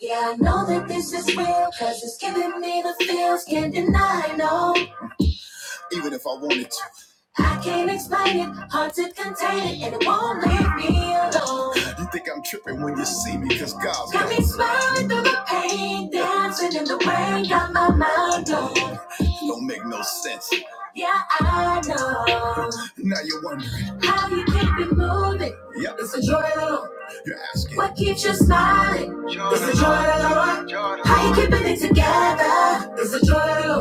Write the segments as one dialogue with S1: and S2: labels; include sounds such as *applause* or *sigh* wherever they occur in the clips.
S1: Yeah, I know that this is real, cause it's giving me the feels, can't deny, no even if I wanted to. I can't explain it, hard to contain it, and it won't leave me alone. You think I'm tripping when you see me, cause God Got me smiling through the pain, dancing in the rain, got my mind on. Don't make no sense. Yeah, I know Now you're wondering. how you keep it moving. Yep, It's the joy of the Lord. you're asking. What keeps you smiling? Jordan. It's the joy of the Lord. Jordan. How you keeping it together? It's the joy of the Lord.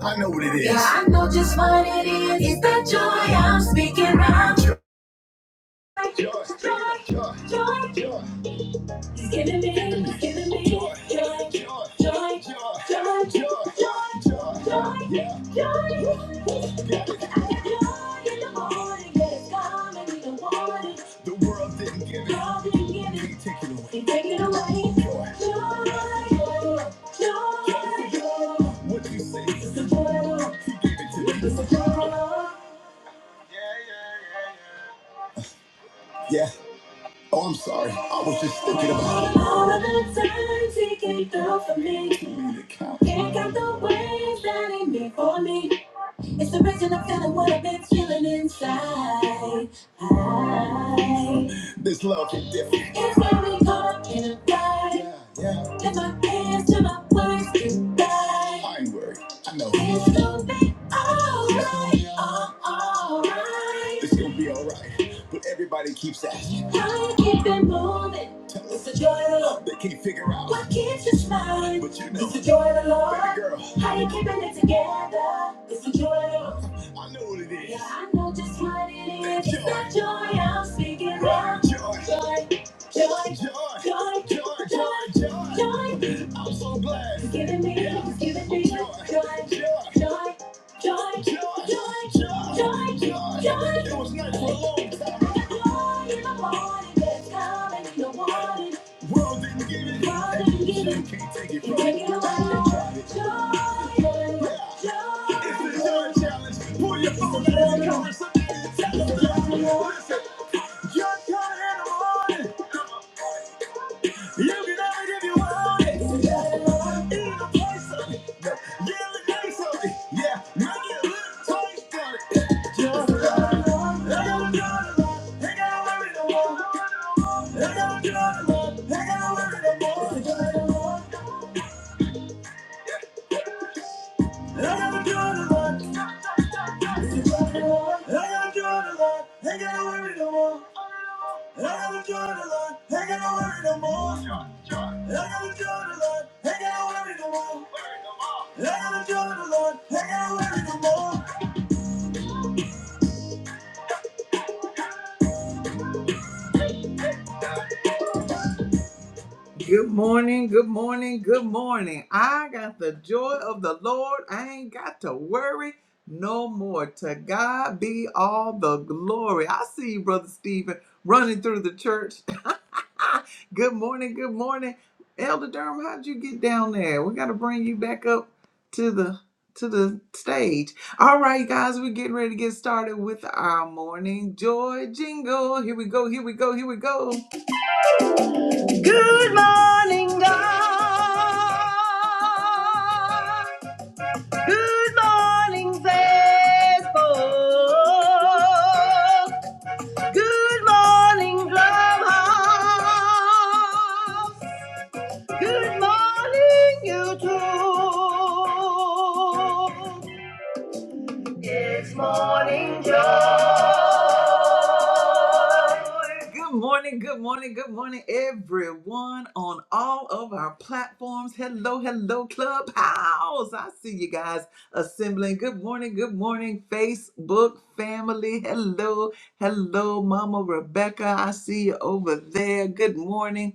S1: I know what it is. Yeah, I know just what it is. It's that joy I'm speaking round. Joy, joy, joy, joy, joy. Giving me, giving me joy, joy, joy, joy, joy, joy, yeah, joy. Yeah. I got joy in the morning, yeah, it's coming in the morning. The world didn't give it. World didn't give it. He take it away. He take it away. Joy, joy, joy, joy. What you say? It's a joy. He gave it to me. It's a joy. Yeah. Oh, I'm sorry. I was just thinking about it. All of the times he came through for me. Can't count the ways that he made for me. It's the reason I'm feeling what I've been feeling inside. I, this love is different. It's when we caught in a fight. Yeah, yeah. Did my hands to my words goodbye. I ain't worried. I know. It's gonna be alright. Oh, Alright. It's gonna be alright. But everybody keeps asking. I keep it moving. It's the joy of the Lord. They can't figure out what keeps you smiling. But you know, it's the joy of the Lord. Baby girl, how you keeping it together? It's the joy of the Lord. I know what it is. Yeah, I know just what it is. That It's joy. It's the joy I'm speaking about. Joy, joy, joy, joy, joy, joy, joy. joy. I'm so glad. It's giving me, yeah. it's giving me joy, joy. joy. Joy, joy, joy, joy, It was nice for a long time. Joy in the morning, there's coming in the morning. World didn't give World didn't give can't take it from Take it us. Joy, joy. It's a joy challenge. Pull your phone out and call us somebody and tell them that. Listen, you're joy in the morning. You can have it if you want it. You can pay some. You can pay some. Yeah, make it look twice for it. Just love. They gonna do it a lot. They got to worry no more. They gonna do it a lot. They got to worry no more. They got to do it a lot. They got to do it a lot. They got to worry no more. They gonna do it a lot. They got to worry no more. They got to do it a lot. They got to worry no more. They gonna do it a lot. They got to worry no more. Good morning, good morning, good morning. I got the joy of the Lord. I ain't got to worry no more. To God be all the glory. I see you, Brother Stephen, running through the church. *laughs* good morning, good morning. Elder Durham, how'd you get down there? We gotta bring you back up to the to the stage. All right, guys, we're getting ready to get started with our morning joy jingle. Here we go, here we go, here we go. Good morning, God. Good morning, Facebook. Good morning, Clubhouse. Good morning, YouTube. Good morning, good morning, good morning, everyone on all of our platforms. Hello, hello, Clubhouse. I see you guys assembling. Good morning, good morning, Facebook family. Hello, hello, Mama Rebecca. I see you over there. Good morning.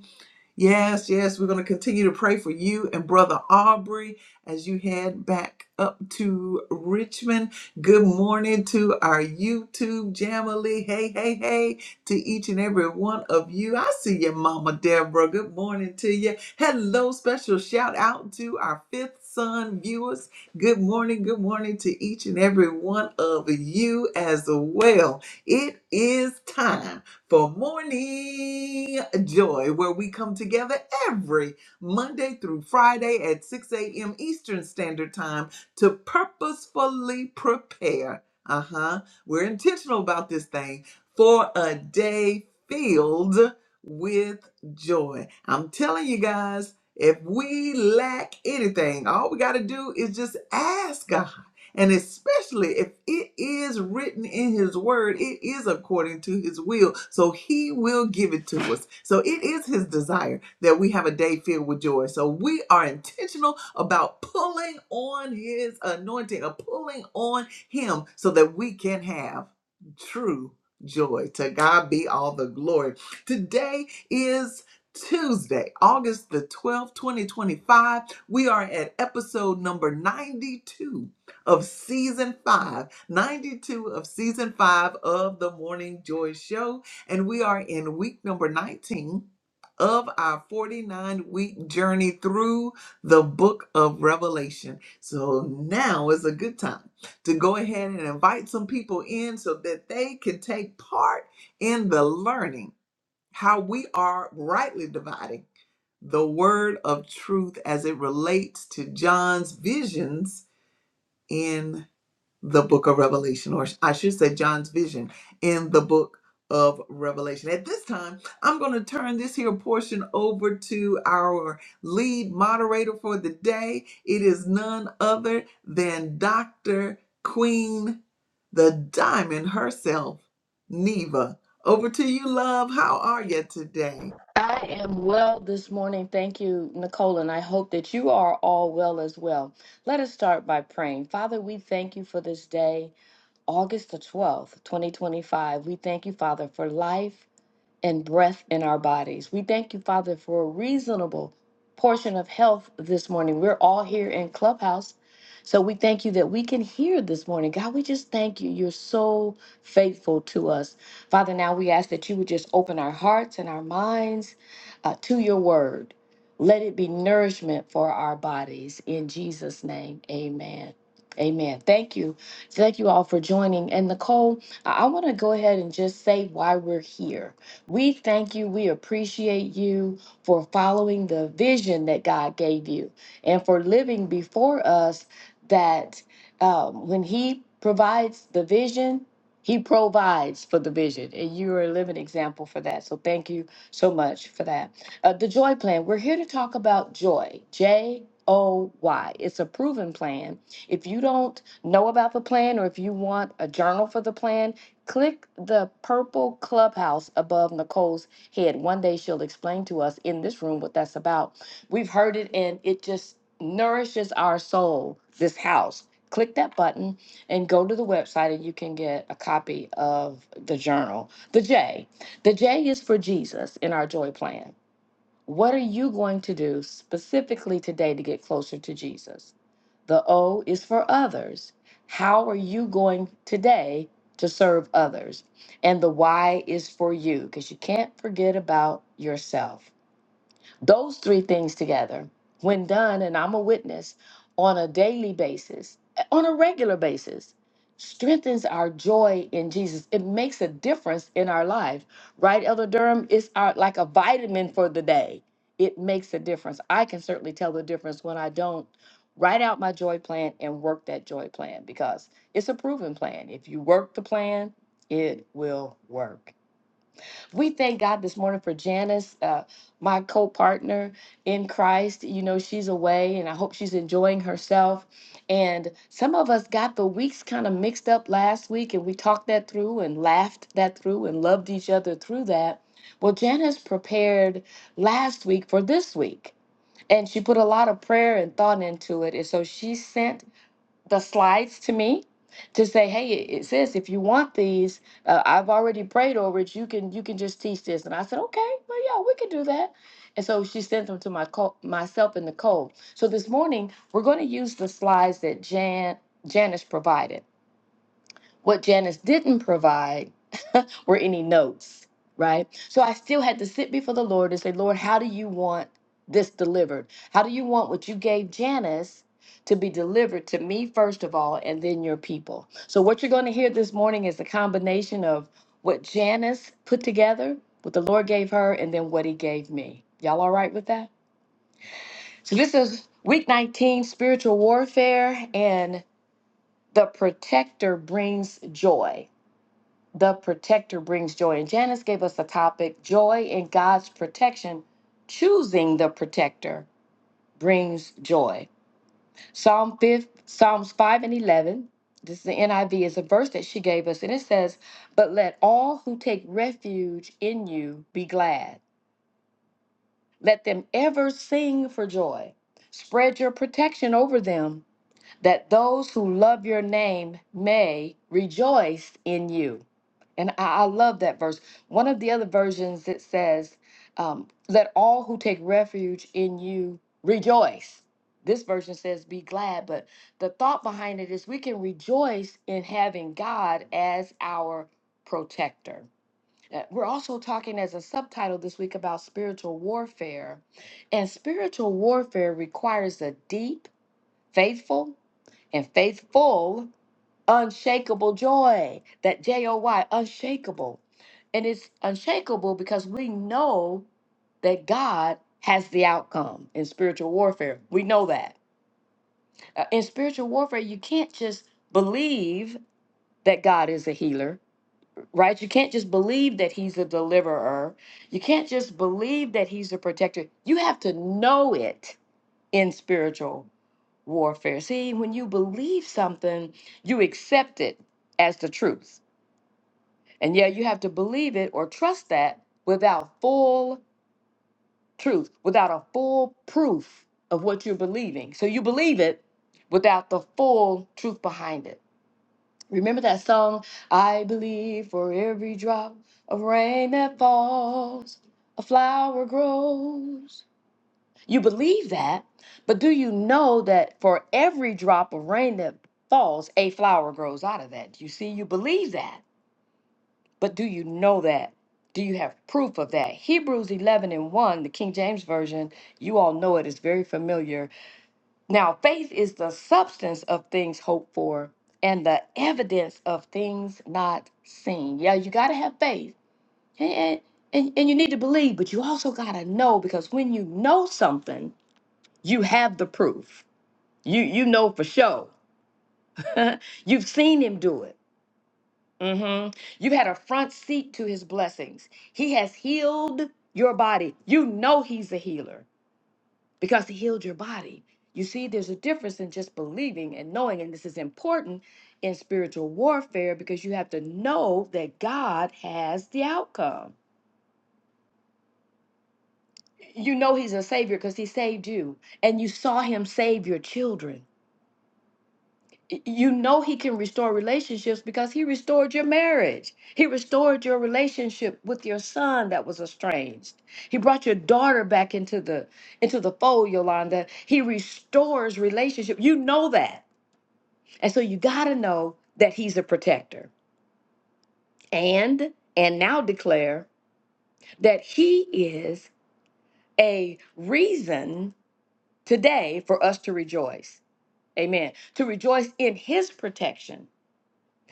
S1: Yes, yes, we're going to continue to pray for you and Brother Aubrey as you head back up to Richmond. Good morning to our YouTube Jamily. Hey, hey, hey to each and every one of you. I see you, Mama Deborah. Good morning to you. Hello, special shout out to our fifth son viewers. Good morning, good morning to each and every one of you as well. It is time for Morning Joy, where we come together every Monday through Friday at 6 a.m. Eastern Standard Time to purposefully prepare. Uh huh. We're intentional about this thing for a day filled with joy. I'm telling you guys, if we lack anything, all we got to do is just ask and especially if it is written in his word, it is according to his will. So he will give it to us. So it is his desire that we have a day filled with joy. So we are intentional about pulling on his anointing or pulling on him so that we can have true joy. To God be all the glory. Today is Tuesday, August the 12th, 2025. We are at episode number 92 of season five, ninety-two of season five of the Morning Joy Show. And we are in week number 19 of our 49 week journey through the book of Revelation. So now is a good time to go ahead and invite some people in so that they can take part in the learning how we are rightly dividing the word of truth as it relates to John's visions in the book of Revelation, or I should say John's vision in the book of Revelation. At this time, I'm going to turn this here portion over to our lead moderator for the day. It is none other than Dr. Queen the Diamond herself, Neva. Over to you, love. How are you today?
S2: I am well this morning. Thank you, Nicole, and I hope that you are all well as well. Let us start by praying. Father, we thank you for this day, August the 12th, 2025. We thank you, Father, for life and breath in our bodies. We thank you, Father, for a reasonable portion of health this morning. We're all here in Clubhouse. So we thank you that we can hear this morning. God, we just thank you. You're so faithful to us. Father, now we ask that you would just open our hearts and our minds uh, to your word. Let it be nourishment for our bodies. In Jesus' name, amen. Amen. Thank you. Thank you all for joining. And Nicole, I want to go ahead and just say why we're here we thank you. We appreciate you for following the vision that God gave you and for living before us that um, when He provides the vision, He provides for the vision. And you are a living example for that. So thank you so much for that. Uh, the Joy Plan, we're here to talk about joy. J O Y. It's a proven plan. If you don't know about the plan or if you want a journal for the plan, Click the purple clubhouse above Nicole's head. One day she'll explain to us in this room what that's about. We've heard it and it just nourishes our soul, this house. Click that button and go to the website and you can get a copy of the journal. The J. The J is for Jesus in our joy plan. What are you going to do specifically today to get closer to Jesus? The O is for others. How are you going today to serve others? And the Y is for you because you can't forget about yourself. Those three things together, when done, and I'm a witness on a daily basis, eh, on a regular basis, strengthens our joy in Jesus. It makes a difference in our life, right, Elder Durham? It's our, like a vitamin for the day. It makes a difference. I can certainly tell the difference when I don't write out my joy plan and work that joy plan because it's a proven plan. If you work the plan, it will work we thank God this morning for Janice, uh, my co partner in Christ. You know, she's away and I hope she's enjoying herself. And some of us got the weeks kind of mixed up last week and we talked that through and laughed that through and loved each other through that. Well, Janice prepared last week for this week and she put a lot of prayer and thought into it. And so she sent the slides to me to say, hey, it it says if you want these, uh, I've already prayed over it. You can you can just teach this. And I said, okay, well, yeah, we can do that. And so she sent them to my co- myself and Nicole. So this morning we're going to use the slides that Jan Janice provided. What Janice didn't provide *laughs* were any notes, right? So I still had to sit before the Lord and say, Lord, how do you want this delivered? How do you want what you gave Janice to be delivered to me, first of all, and then your people? So what you're going to hear this morning is a combination of what Janice put together, what the Lord gave her, and then what he gave me. Y'all all right with that? So this is week 19, spiritual warfare, and the protector brings joy. The Protector Brings Joy. And Janice gave us a topic Joy in God's Protection. Choosing the Protector Brings Joy. Psalm 5, Psalms 5 and 11. This is the NIV, is a verse that she gave us. And it says, But let all who take refuge in you be glad. Let them ever sing for joy. Spread your protection over them that those who love your name may rejoice in you. And I, I love that verse. One of the other versions it says, um, "Let all who take refuge in you rejoice." This version says, "Be glad." But the thought behind it is, we can rejoice in having God as our protector. Uh, We're also talking as a subtitle this week about spiritual warfare. And spiritual warfare requires a deep, faithful, and faithful, unshakable joy. That J O Y, unshakable. And it's unshakable because we know that God has the outcome in spiritual warfare. We know that. Uh, in spiritual warfare, you can't just believe that God is a healer, right? You can't just believe that He's a deliverer. You can't just believe that He's a protector. You have to know it in spiritual warfare. See, when you believe something, you accept it as the truth. And yeah, you have to believe it or trust that without full truth, without a full proof of what you're believing. So you believe it without the full truth behind it. Remember that song, I believe for every drop of rain that falls, a flower grows. You believe that, but do you know that for every drop of rain that falls, a flower grows out of that? You see, you believe that, but do you know that? Do you have proof of that? Hebrews 11 and 1, the King James Version, you all know it is very familiar. Now, faith is the substance of things hoped for and the evidence of things not seen. Yeah, you got to have faith. And, and, and you need to believe, but you also got to know because when you know something, you have the proof. You you know for sure. *laughs* You've seen him do it. hmm You've had a front seat to his blessings. He has healed your body. You know he's a healer because he healed your body. You see, there's a difference in just believing and knowing, and this is important in spiritual warfare because you have to know that God has the outcome. You know he's a savior because he saved you, and you saw him save your children. y- you know he can restore relationships because he restored your marriage. He restored your relationship with your son that was estranged. He brought your daughter back into the into the fold, Yolanda. He restores relationship. You know that. And so you got to know that he's a protector. And and now declare that he is a reason today for us to rejoice. Amen. To rejoice in his protection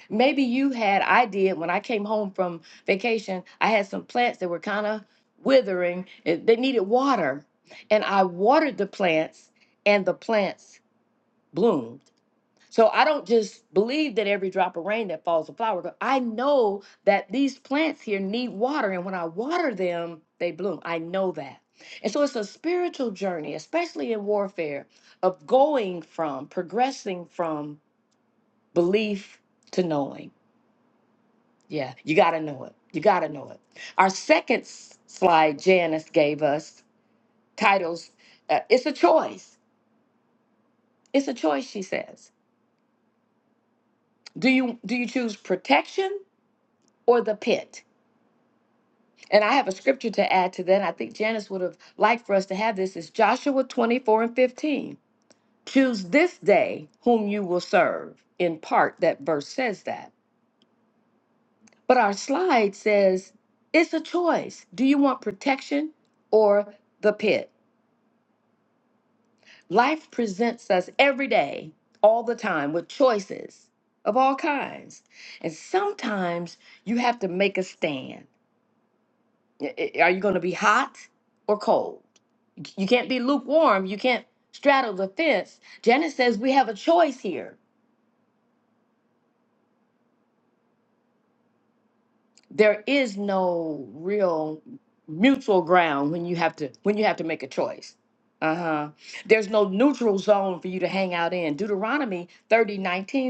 S2: Maybe you had, I did when I came home from vacation, I had some plants that were kind of withering. and They needed water. And I watered the plants and the plants bloomed. So I don't just believe that every drop of rain that falls a flower. but I know that these plants here need water. And when I water them, they bloom. I know that. And so it's a spiritual journey, especially in warfare, of going from, progressing from belief to knowing. Yeah, you got to know it. You got to know it. Our second s- slide Janice gave us titles uh, it's a choice. It's a choice she says. Do you do you choose protection or the pit? And I have a scripture to add to that. I think Janice would have liked for us to have this It's Joshua 24 and 15. Choose this day whom you will serve. In part that verse says that. But our slide says it's a choice. Do you want protection or the pit? Life presents us every day, all the time, with choices of all kinds. And sometimes you have to make a stand. I- I- Are you going to be hot or cold? You can't be lukewarm. You can't straddle the fence. Janet says we have a choice here. there is no real mutual ground when you have to when you have to make a choice uh-huh there's no neutral zone for you to hang out in deuteronomy 30:19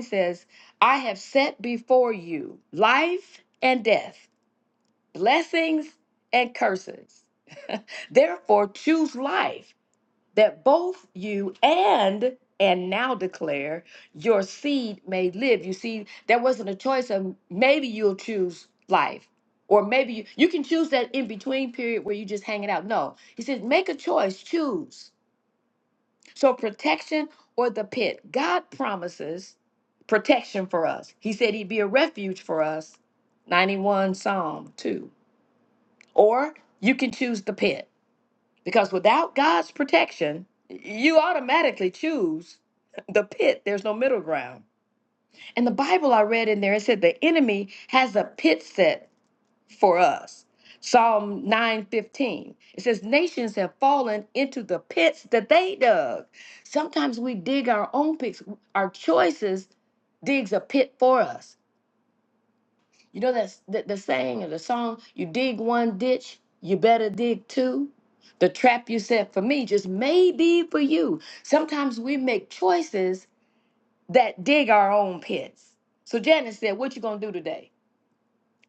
S2: says i have set before you life and death blessings and curses *laughs* therefore choose life that both you and and now declare your seed may live. You see, there wasn't a choice of maybe you'll choose life. Or maybe you, you can choose that in between period where you just hanging out. No, he says, make a choice, choose. So protection or the pit. God promises protection for us. He said he'd be a refuge for us. 91 Psalm 2. Or you can choose the pit. Because without God's protection, you automatically choose the pit. There's no middle ground. And the Bible I read in there, it said the enemy has a pit set for us. Psalm 9:15. It says, Nations have fallen into the pits that they dug. Sometimes we dig our own pits. Our choices digs a pit for us. You know that's the, the saying of the song, you dig one ditch, you better dig two. The trap you set for me just may be for you. Sometimes we make choices that dig our own pits. So Janice said, What you gonna do today?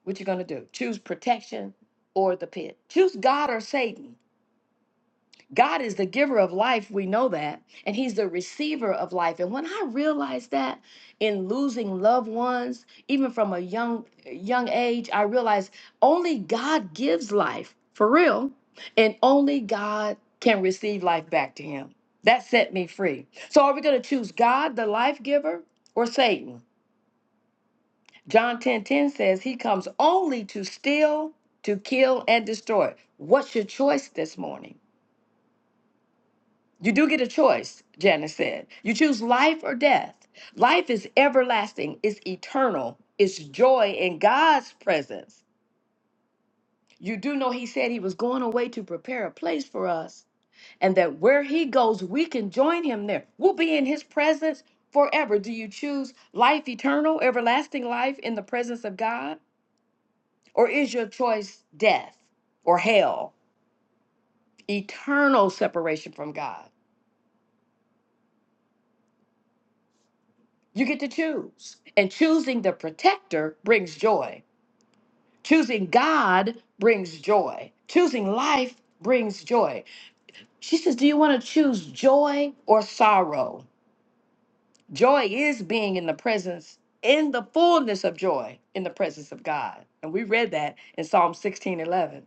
S2: What you gonna do? Choose protection or the pit. Choose God or Satan. God is the giver of life, we know that, and He's the receiver of life. And when I realized that in losing loved ones, even from a young young age, I realized only God gives life for real, and only God can receive life back to Him. That set me free. So are we going to choose God, the life giver, or Satan? John 10 10 says he comes only to steal, to kill, and destroy. What's your choice this morning? You do get a choice, Janice said. You choose life or death. Life is everlasting, it's eternal, it's joy in God's presence. You do know He said He was going away to prepare a place for us, and that where He goes, we can join Him there. We'll be in His presence forever. Do you choose life eternal, everlasting life in the presence of God? Or is your choice death or hell, eternal separation from God? You get to choose. And choosing the protector brings joy. Choosing God brings joy. Choosing life brings joy. She says, Do you want to choose joy or sorrow? Joy is being in the presence, in the fullness of joy, in the presence of God. And we read that in Psalm 16 11.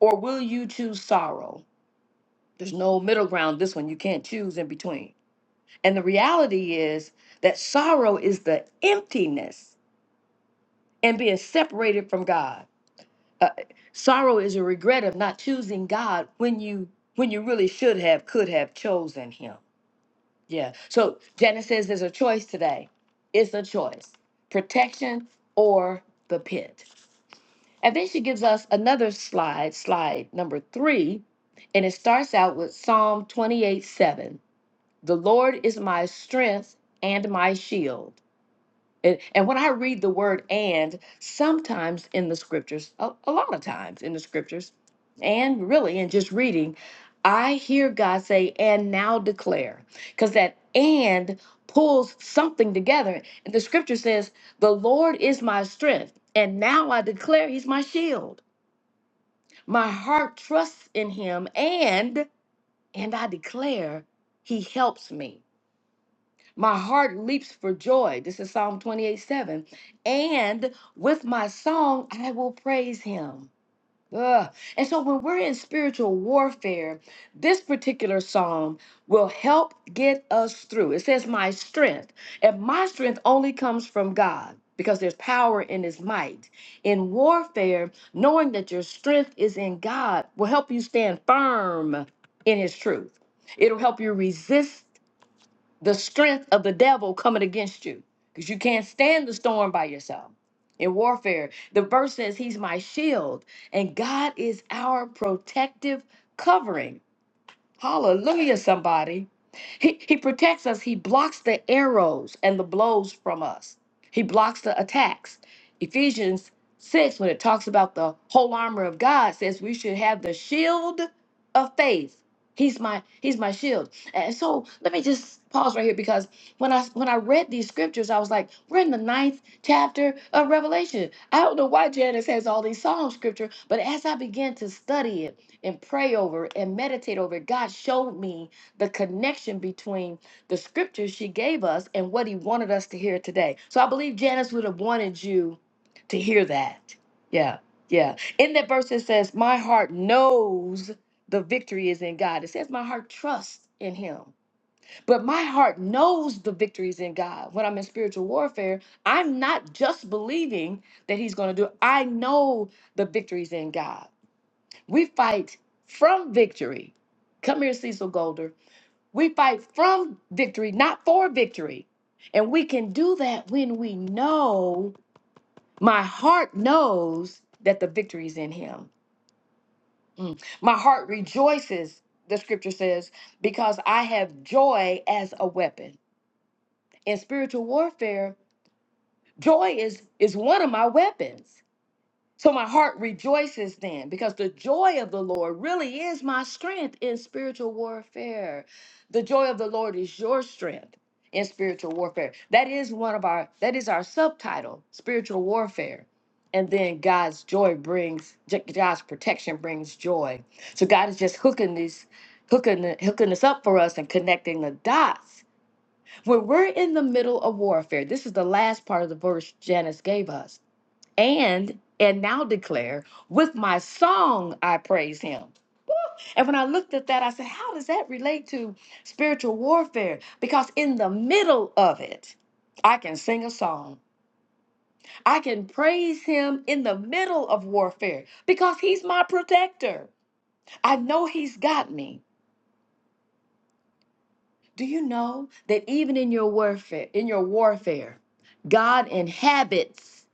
S2: Or will you choose sorrow? There's no middle ground, this one. You can't choose in between. And the reality is that sorrow is the emptiness and being separated from God. Uh, sorrow is a regret of not choosing God when you when you really should have could have chosen Him. Yeah. So Janice says there's a choice today. It's a choice: protection or the pit. And then she gives us another slide, slide number three, and it starts out with Psalm 28, 7. The Lord is my strength and my shield. And, and when I read the word and, sometimes in the scriptures, a, a lot of times in the scriptures, and really in just reading, I hear God say, and now declare. Because that and pulls something together. And the scripture says, the Lord is my strength. And now I declare he's my shield. My heart trusts in him and and I declare he helps me. My heart leaps for joy. This is Psalm 28 7. And with my song, I will praise him. Ugh. And so when we're in spiritual warfare, this particular psalm will help get us through. It says, My strength. And my strength only comes from God because there's power in his might. In warfare, knowing that your strength is in God will help you stand firm in his truth. It'll help you resist the strength of the devil coming against you because you can't stand the storm by yourself in warfare the verse says he's my shield and god is our protective covering Hallelujah, somebody. He, he protects us. He blocks the arrows and the blows from us. He blocks the attacks. Ephesians 6, when it talks about the whole armor of God, says we should have the shield of faith. He's my he's my shield. And so let me just pause right here because when I when I read these scriptures, I was like, we're in the ninth chapter of Revelation. I don't know why Janice has all these Psalm scripture, but as I began to study it, and pray over it and meditate over it. God showed me the connection between the scriptures she gave us and what he wanted us to hear today. So I believe Janice would have wanted you to hear that. Yeah, yeah. In that verse, it says, My heart knows the victory is in God. It says, My heart trusts in him. But my heart knows the victory is in God. When I'm in spiritual warfare, I'm not just believing that he's going to do it, I know the victories in God. We fight from victory. Come here, Cecil Golder. We fight from victory, not for victory. And we can do that when we know, my heart knows that the victory is in Him. Mm. My heart rejoices, the scripture says, because I have joy as a weapon. In spiritual warfare, joy is, is one of my weapons. So my heart rejoices then because the joy of the Lord really is my strength in spiritual warfare. The joy of the Lord is your strength in spiritual warfare. That is one of our that is our subtitle, spiritual warfare. And then God's joy brings J- God's protection brings joy. So God is just hooking these hooking hooking us up for us and connecting the dots. When we're in the middle of warfare, this is the last part of the verse Janice gave us and and now declare with my song i praise him and when i looked at that i said how does that relate to spiritual warfare because in the middle of it i can sing a song i can praise him in the middle of warfare because he's my protector i know he's got me do you know that even in your warfare in your warfare god inhabits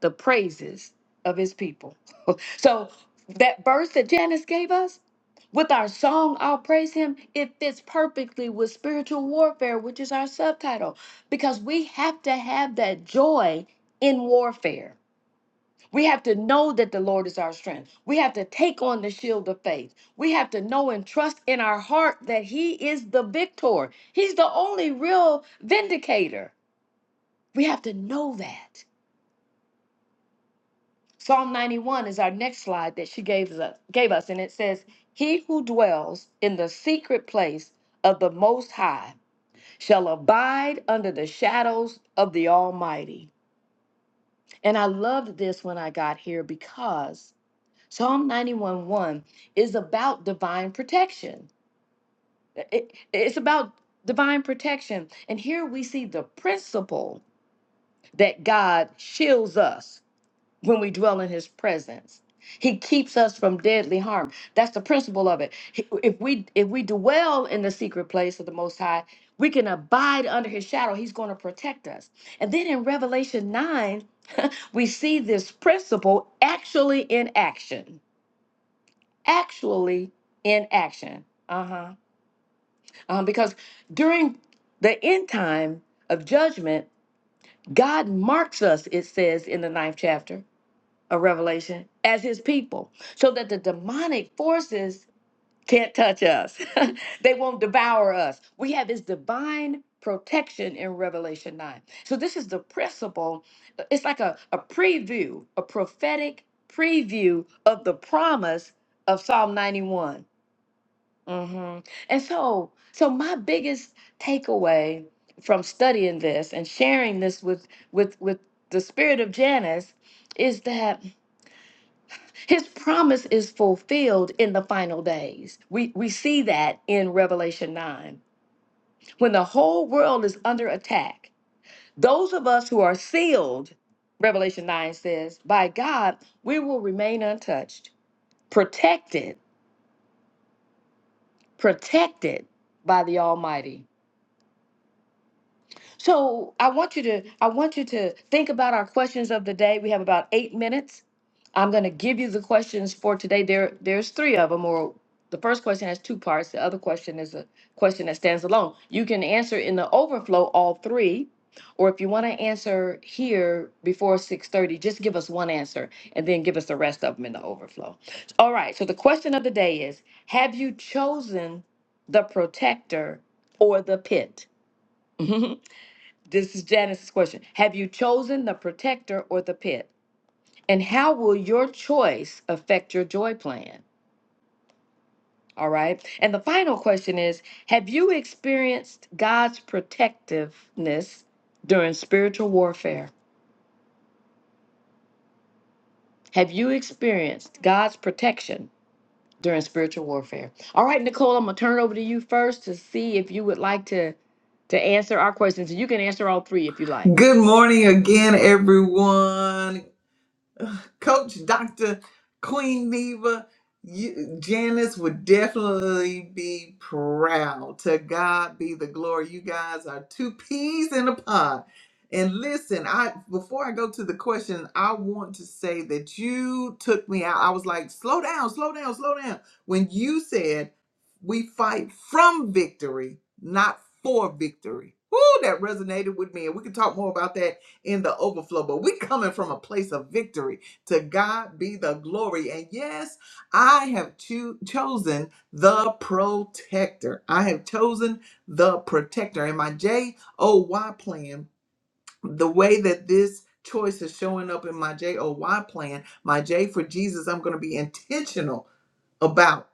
S2: the praises of his people So that verse that Janice gave us with our song, I'll praise him, it fits perfectly with spiritual warfare, which is our subtitle, because we have to have that joy in warfare. We have to know that the Lord is our strength. We have to take on the shield of faith. We have to know and trust in our heart that He is the victor. He's the only real vindicator. We have to know that. Psalm 91 is our next slide that she gave us, gave us, and it says, He who dwells in the secret place of the Most High shall abide under the shadows of the Almighty. And I loved this when I got here because Psalm 91 1 is about divine protection. It- it's about divine protection. And here we see the principle that God shields us when we dwell in his presence. He keeps us from deadly harm. That's the principle of it. He- If we if we dwell in the secret place of the most high, we can abide under his shadow. He's going to protect us. And then in Revelation 9, we see this principle actually in action. Actually in action. Uh-huh. Um, because during the end time of judgment, God marks us, it says in the ninth chapter. a revelation as his people so that the demonic forces can't touch us *laughs* they won't devour us we have his divine protection in revelation 9 so this is the principle uh, it's like a, a preview a prophetic preview of the promise of psalm 91 Mhm. and so so my biggest takeaway from studying this and sharing this with with with the spirit of janice is that his promise is fulfilled in the final days. We, we see that in Revelation 9. When the whole world is under attack, those of us who are sealed, Revelation 9 says, by God, we will remain untouched, protected, protected by the Almighty. So I want you to I want you to think about our questions of the day. We have about eight minutes. I'm going to give you the questions for today. There there's three of them. Or the first question has two parts. The other question is a question that stands alone. You can answer in the overflow all three, or if you want to answer here before 6:30, just give us one answer and then give us the rest of them in the overflow. All right. So the question of the day is: Have you chosen the protector or the pit? *laughs* This is Janice's question. Have you chosen the protector or the pit? And how will your choice affect your joy plan? All right. And the final question is Have you experienced God's protectiveness during spiritual warfare? Have you experienced God's protection during spiritual warfare? All right, Nicole, I'm going to turn it over to you first to see if you would like to, to answer our questions. You can answer all three if you like.
S1: Good morning again, everyone. Coach Dr. Queen Neva, you, Janice would definitely be proud. To God be the glory. You guys are two peas in a pod. And listen, I before I go to the question, I want to say that you took me out. I was like, slow down, slow down, slow down. When you said we fight from victory, not for victory. Woo, that resonated with me. And we can talk more about that in the overflow, but we coming from a place of victory to God be the glory. And yes, I have cho- chosen the protector. I have chosen the protector. And my J O Y plan, the way that this choice is showing up in my J O Y plan, my J for Jesus, I'm going to be intentional about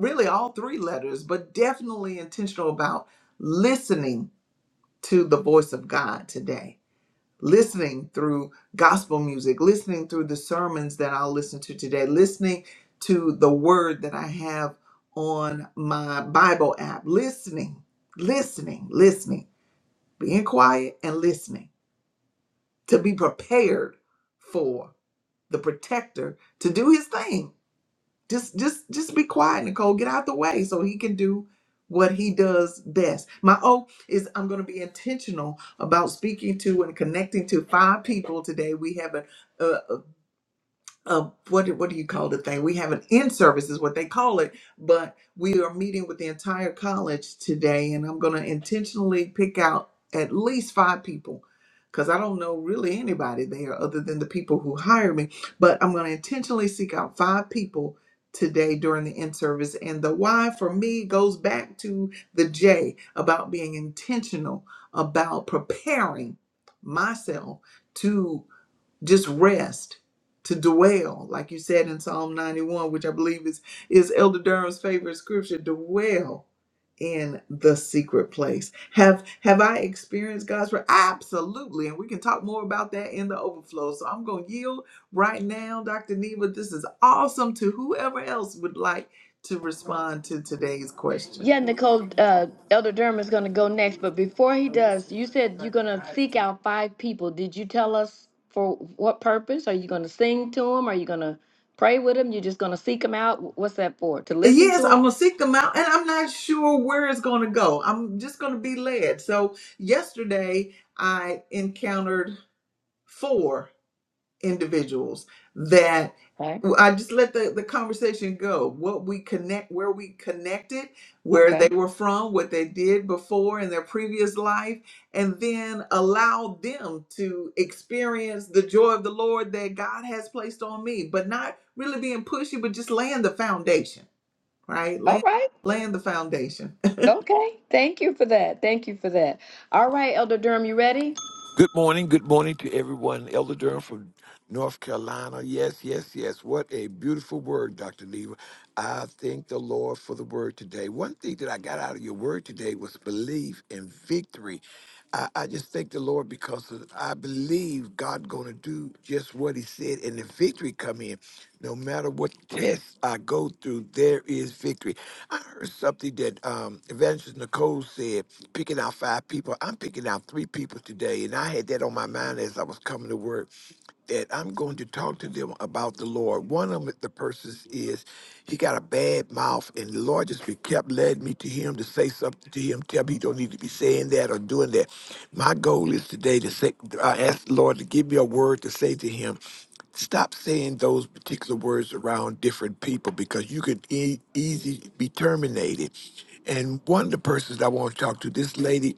S1: really all three letters, but definitely intentional about listening to the voice of God today listening through gospel music, listening through the sermons that I'll listen to today, listening to the word that I have on my Bible app, listening, listening, listening, being quiet and listening to be prepared for the protector to do his thing just just just be quiet, Nicole. Get out the way so he can do what he does best. My O is I'm going to be intentional about speaking to and connecting to five people today. We have a, uh, what what do you call the thing? We have an in service is what they call it, but we are meeting with the entire college today, and I'm going to intentionally pick out at least five people because I don't know really anybody there other than the people who hire me. But I'm going to intentionally seek out five people today during the in service, and the why for me goes back to the J about being intentional about preparing myself just rest to dwell like you said in psalm 91 which i believe is is elder durham's favorite scripture dwell in the secret place have have i experienced god's re- absolutely and we can talk more about that in the overflow so i'm going to yield right now dr neva this is awesome to whoever else would like to respond to today's question
S2: Yeah, Nicole, uh, Elder Durham is going to go next, but before he does, you said you're going to seek out five people. Did you tell us for what purpose? Are you going to sing to them? Are you going to pray with them? You're just going to seek them out? Wh- What's that for? To listen to
S1: Yes, I'm gonna
S2: them?
S1: seek them out, and I'm not sure where it's gonna go. I'm just gonna be led. So yesterday, I encountered four individuals that
S2: Right.
S1: I just let the, the conversation go. What we connect, where we connected, where they
S2: Okay.
S1: were from, what they did before in their previous life, and then allow them to experience the joy of the Lord that God has placed on me, but not really being pushy, but just laying the foundation right?
S2: All
S1: Laying,
S2: right.
S1: laying the foundation.
S2: Okay. Thank you for that. Thank you for that. All right, Elder Durham, you ready?
S3: Good morning. Good morning to everyone. Elder Durham from North Carolina. Yes, yes, yes. What a beautiful word, Dr. Lever. I thank the Lord for the word today. One thing that I got out of your word today was belief and victory. I, I just thank the Lord because of- I believe believe God gonna do just what he said and the victory come in. No matter what tests I go through, there is victory. I heard something that um Evangelist Nicole said, picking out five people. I'm picking out three people today, and I had that on my mind as I was coming to work that I'm going to talk to them about the Lord. One of 'em, the persons is he got a bad mouth, and the Lord just kept led me to him to say something to him, tell me you don't need to be saying that or doing that. My goal is today to say, I ask the Lord to give me a word to say to him stop saying those particular words around different people because you could e- easily be terminated. And one of the persons I want to talk to, this lady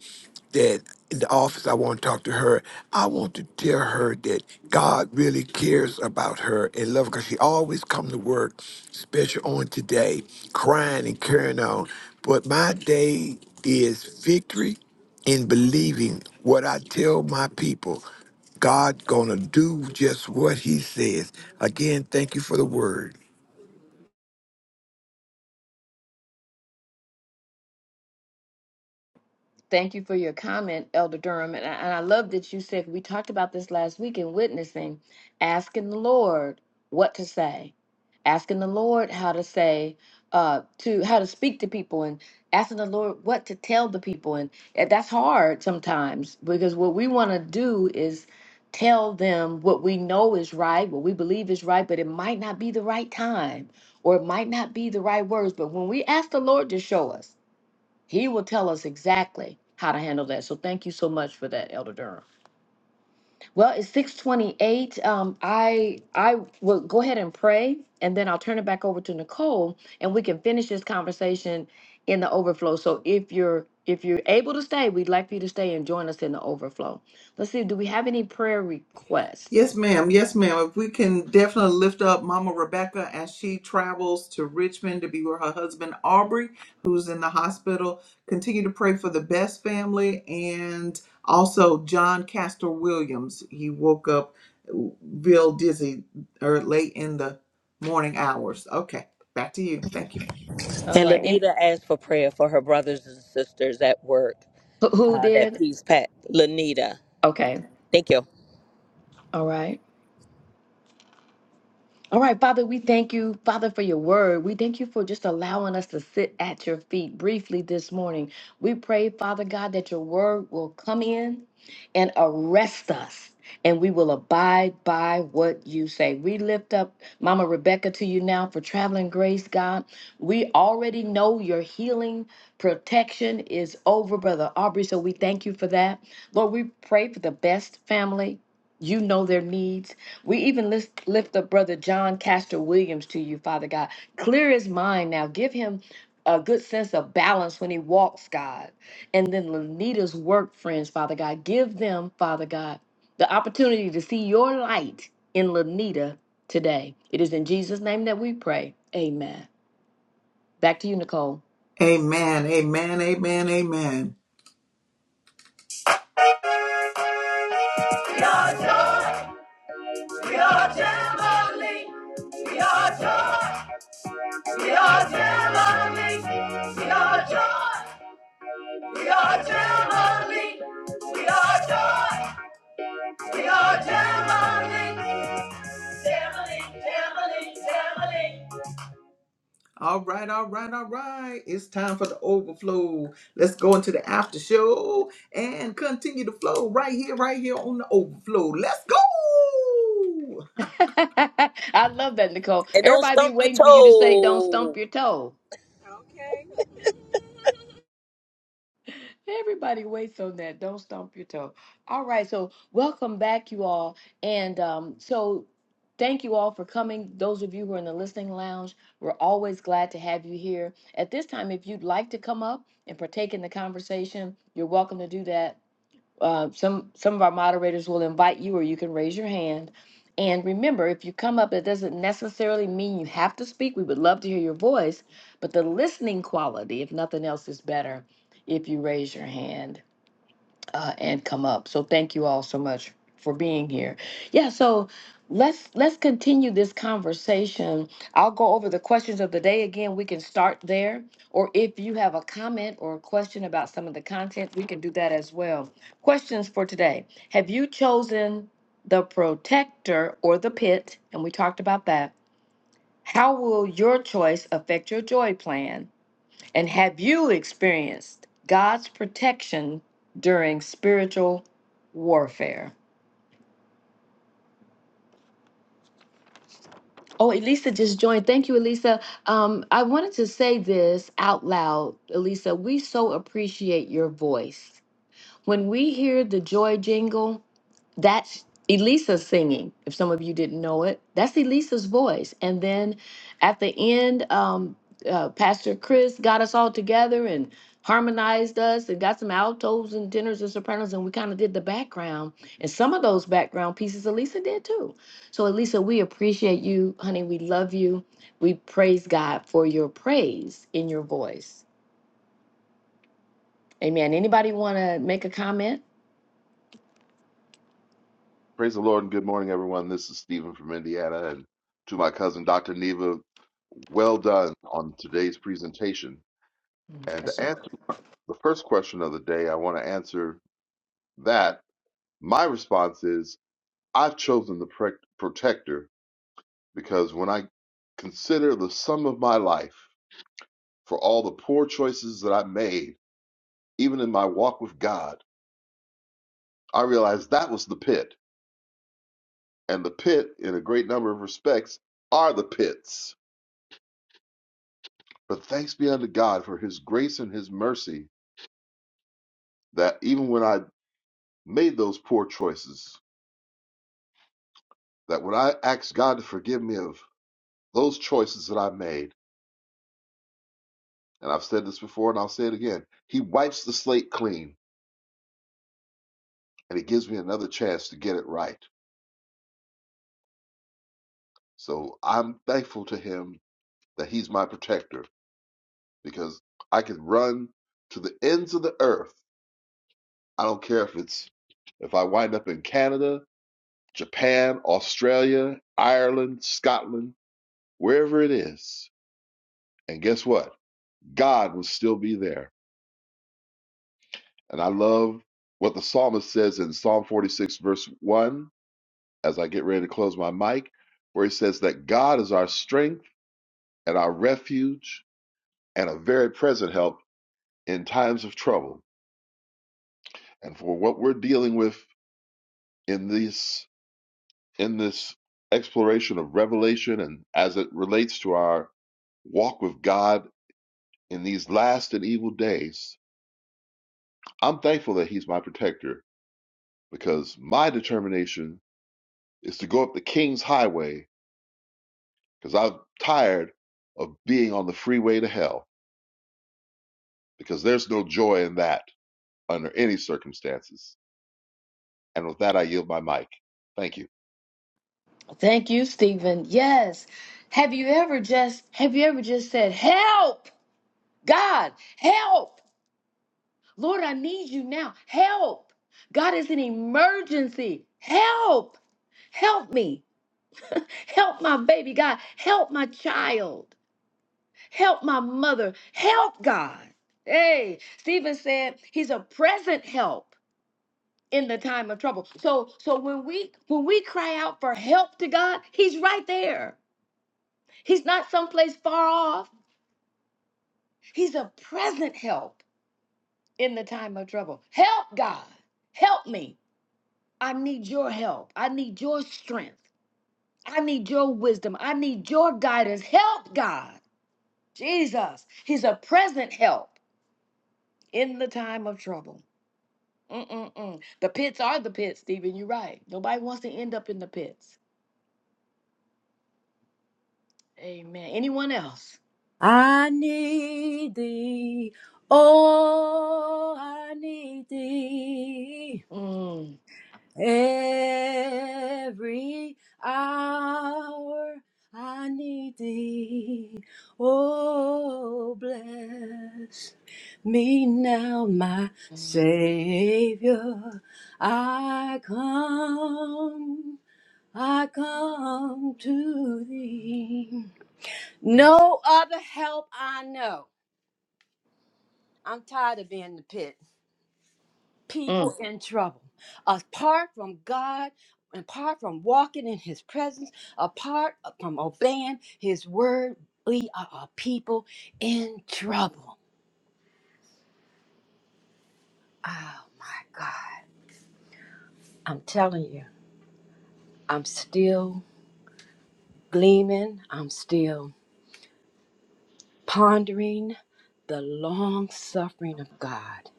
S3: that in the office, I want to talk to her. I want to tell her that God really cares about her and love her because she always come to work, special on today, crying and carrying on. But my day is victory in believing what I tell my people. God gonna do just what he says. Again, thank you for the word.
S2: Thank you for your comment, Elder Durham. And I, and I love that you said we talked about this last week in witnessing, asking the Lord what to say, asking the Lord how to say, uh, to how to speak to people, and asking the Lord what to tell the people. And and that's hard sometimes because what we want to do is tell them what we know is right, what we believe is right, but it might not be the right time or it might not be the right words. But when we ask the Lord to show us, he will tell us exactly how to handle that. So thank you so much for that, Elder Durham. Well, it's 628. Um, I I will go ahead and pray and then I'll turn it back over to Nicole and we can finish this conversation in the overflow. So if you're if you're able to stay, we'd like for you to stay and join us in the overflow. Let's see, do we have any prayer
S1: *laughs*
S2: requests?
S1: yes, ma'am. Yes, ma'am. If we can definitely lift up Mama Rebecca as she travels to Richmond to be with her husband Aubrey, who's in the hospital. Continue to pray for the best family and also John Castor Williams. He woke up real dizzy or late in the morning hours. Okay, back to you. Thank you.
S2: All
S4: And
S2: right. And
S4: Lanita asked for prayer for her brothers and sisters at work.
S2: who who
S4: Uh, that
S2: did?
S4: peace pack. Lanita.
S2: Okay.
S4: Thank you.
S2: All right. All right, Father, we thank you, Father, for your word. We thank you for just allowing us to sit at your feet briefly this morning. We pray, Father God, that your word will come in and arrest us, and we will abide by what you say. We lift up Mama Rebecca to you now for traveling grace, God. We already know your healing protection is over, Brother Aubrey, so we thank you for that. Lord, we pray for the best family. You know their needs. We even lift, lift up Brother John Castor Williams to you, Father God. Clear his mind now. Give him a good sense of balance when he walks, God. And then Lanita's work friends, Father God. Give them, Father God, the opportunity to see your light in Lanita today. It is in Jesus' name that we pray. Amen. Back to you, Nicole.
S1: Amen. Amen. Amen. Amen. We are joy. We are family. We are joy. We are Gemini. We are joy. We are Gemini. We are joy. We are Gemini. Gemini. Gemini. Gemini. All right, all right, all right. It's time for the overflow. Let's go into the after show and continue the flow right here, right here on the overflow. Let's go.
S2: *laughs* I love that, Nicole.
S4: And don't
S2: Everybody be
S4: stump your
S2: waiting for you to say, don't stump
S4: toe.
S2: your toe. Everybody waits on that. Don't stomp your toe. All right. So, welcome back, you all. And um, so, thank you all for coming. Those of you who are in the listening lounge, we're always glad to have you here. At this time, if you'd like to come up and partake in the conversation, you're welcome to do that. Uh, some some of our moderators will invite you, or you can raise your hand. And remember, if you come up, it doesn't necessarily mean you have to speak. We would love to hear your voice, but the listening quality, if nothing else, is better if you raise your hand uh, and come up. So thank you all so much for being here. Yeah, so let's let's continue this conversation. I'll go over the questions of the day again. We can start there, or if you have a comment or a question about some of the content, we can do that as well. Questions for today: Have you chosen the protector or the pit? And we talked about that. How will your choice affect your joy plan? And have you experienced God's protection during spiritual warfare? Oh, Elisa just joined. Thank you, Elisa. Um, I wanted to say this out loud, Elisa. We so appreciate your voice. When we hear the joy jingle, that's Elisa singing. If some of you didn't know it, that's Elisa's voice. And then at the end, um, uh, Pastor Chris got us all together and harmonized us and got some altos and tenors and sopranos, and we kind of did the background. And some of those background pieces Elisa did too. So, Elisa, we appreciate you, honey. We love you. We praise God for your praise in your voice. Amen. Anybody want to make a comment?
S5: Praise the Lord and good morning, everyone. This is Stephen from Indiana, and to my cousin, Dr. Neva, well done on today's presentation. And to answer the first question of the day, I want to answer that. My response is I've chosen the pre- protector because when I consider the sum of my life for all the poor choices that I made, even in my walk with God, I realize that was the pit. And the pit, in a great number of respects, are the pits. But thanks be unto God for his grace and his mercy that even when I made those poor choices, that when I asked God to forgive me of those choices that I made, and I've said this before and I'll say it again, he wipes the slate clean and he gives me another chance to get it right. So I'm thankful to him that he's my protector because I can run to the ends of the earth. I don't care if it's if I wind up in Canada, Japan, Australia, Ireland, Scotland, wherever it is. And guess what? God will still be there. And I love what the psalmist says in Psalm 46, verse 1, as I get ready to close my mic, where he says that God is our strength and our refuge and a very present help in times of trouble. And for what we're dealing with in this in this exploration of revelation and as it relates to our walk with God in these last and evil days, I'm thankful that He's my protector because my determination is to go up the King's Highway because I'm tired of being on the freeway to hell because there's no joy in that under any circumstances. And with that, I yield my mic. Thank you.
S2: Thank you, Stephen. Yes. Have you ever just have you ever just said, "Help! God, help! Lord, I need you now. Help! God is an emergency. Help! Help me. Help my baby, God. Help my child. Help my mother. Help God." Hey, Stephen said he's a present help in the time of trouble. So so when we when we cry out for help to God, he's right there. He's not someplace far off. He's a present help in the time of trouble. Help, God. Help me. I need your help. I need your strength. I need your wisdom. I need your guidance. Help, God. Jesus. He's a present help in the time of trouble. Mm-mm-mm. The pits are the pits, Stephen. You're right. Nobody wants to end up in the pits. Amen. Anyone else?
S6: I need thee. Oh, I need thee.
S2: Mm,
S6: Every hour I need thee. Oh, bless me now, my
S2: mm,
S6: Savior. I come, I come to thee.
S2: yes.
S6: No other help I know. I'm tired of being in the pit. People
S2: Mm,
S6: in trouble. Apart from God, apart from walking in His presence, apart from obeying His word, we are a people in trouble. Oh my God. I'm telling you, I'm still gleaming, I'm still pondering the long suffering of God.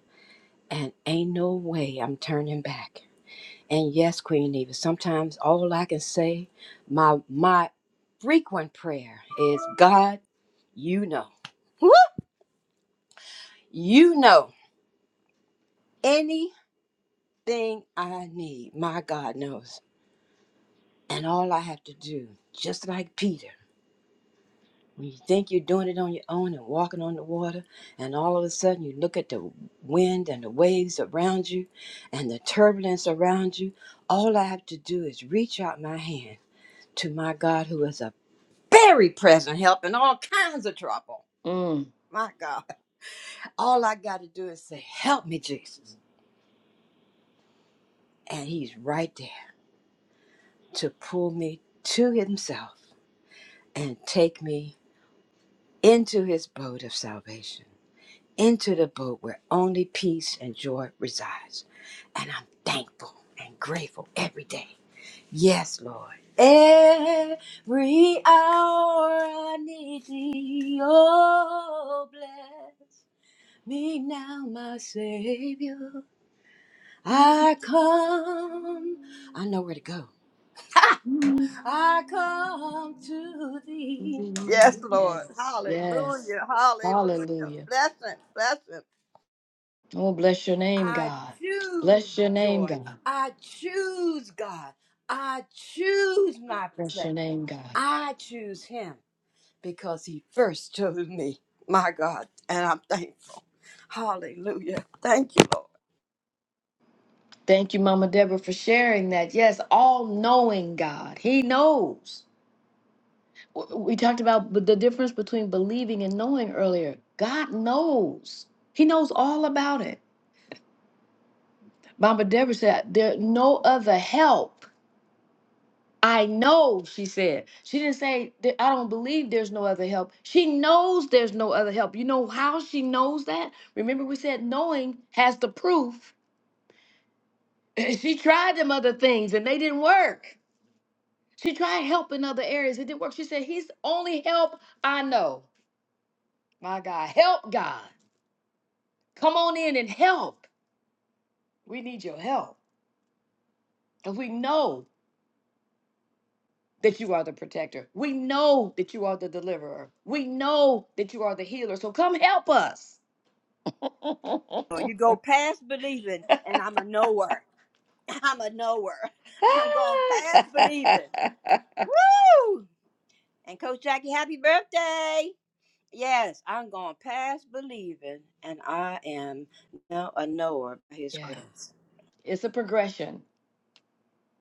S6: And ain't no way I'm turning back. And yes, Queen Eva, sometimes all I can say, my my frequent prayer is God, you know. Woo! You know anything I need, my God knows. And all I have to do, just like Peter, when you think you're doing it on your own and walking on the water, and all of a sudden you look at the wind and the waves around you and the turbulence around you, all I have to do is reach out my hand to my God who is a very present help in all kinds of trouble.
S2: mm.
S6: My God. All I got to do is say, Help me, Jesus. And He's right there to pull me to Himself and take me into His boat of salvation, into the boat where only peace and joy resides. And I'm thankful and grateful every day. Yes, Lord. Every hour I need thee, oh bless. Me now, my Savior. I come. I know where to go. I come to thee. Yes, Lord.
S2: Yes. Yes.
S6: Hallelujah. Hallelujah.
S2: Hallelujah.
S6: Blessing. Blessing.
S2: Oh, bless your name,
S6: I
S2: God.
S6: choose
S2: Bless your name,
S6: joy.
S2: God.
S6: I choose God. I choose my
S2: Bless your
S6: protector.
S2: name, God.
S6: I choose him because he first chose me, my God, and I'm thankful. Hallelujah. Thank you, Lord.
S2: Thank you, Mama Deborah, for sharing that. Yes, all knowing God. He knows. W- We talked about b- the difference between believing and knowing earlier. God knows. He knows all about it. Mama Deborah said, There no other help. I know, she said. She didn't say, "Th- I don't believe there's no other help. She knows there's no other help. You know how she knows that? Remember, we said knowing has the proof *clears throat* *laughs* she tried them other things and they didn't work. She tried help in other areas. It didn't work. She said, He's the only help I know. My God, help God. Come on in and help. We need your help. Because we know that you are the protector. We know that you are the deliverer. We know that you are the healer. So come help us.
S6: Or
S2: *laughs*
S6: You go past believing, and I'm a knower. *laughs* I'm a knower. I'm going past
S2: Ah.
S6: believing.
S2: *laughs*
S6: Woo! And Coach Jackie, happy birthday! Yes, I'm going past believing, and I am now a knower by His
S2: yeah,
S6: grace.
S2: it's a progression.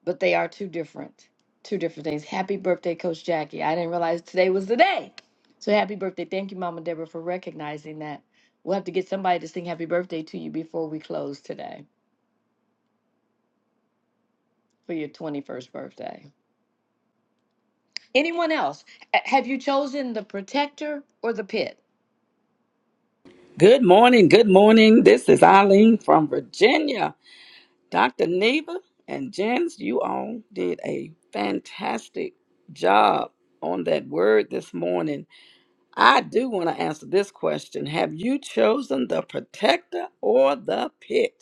S2: but they are two different, two different things. Happy birthday, Coach Jackie. I didn't realize today was the day. So happy birthday. Thank you, Mama Deborah, for recognizing that. We'll have to get somebody to sing happy birthday to you before we close today for your 21st birthday. Anyone else? A- Have you chosen the protector or the pit?
S7: Good morning. Good morning. This is Eileen from Virginia. Dr. Neva and Jens, you all did a fantastic job on that word this morning. I do want to answer this question Have you chosen the protector or the pit?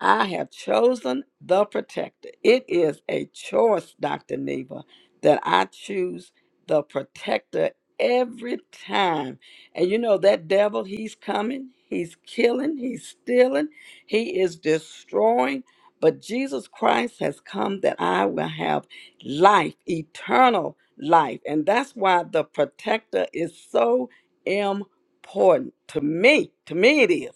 S7: I have chosen the protector. It is a choice, Dr. Neva, that I choose the protector every time. And you know, that devil, he's coming, he's killing, he's stealing, he is destroying. But Jesus Christ has come that I will have life, eternal life. And that's why the protector is so important to me. To me, it is.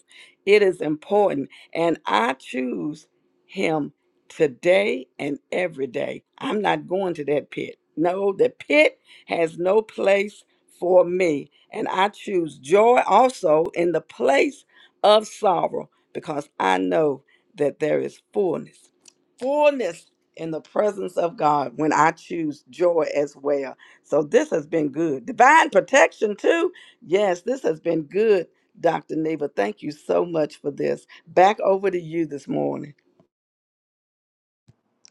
S7: It is important and I choose him today and every day. I'm not going to that pit. No, the pit has no place for me. And I choose joy also in the place of sorrow because I know that there is fullness, fullness in the presence of God when I choose joy as well. So this has been good. Divine protection, too. Yes, this has been good Dr. Neva, thank you so much for this. Back over to you this morning.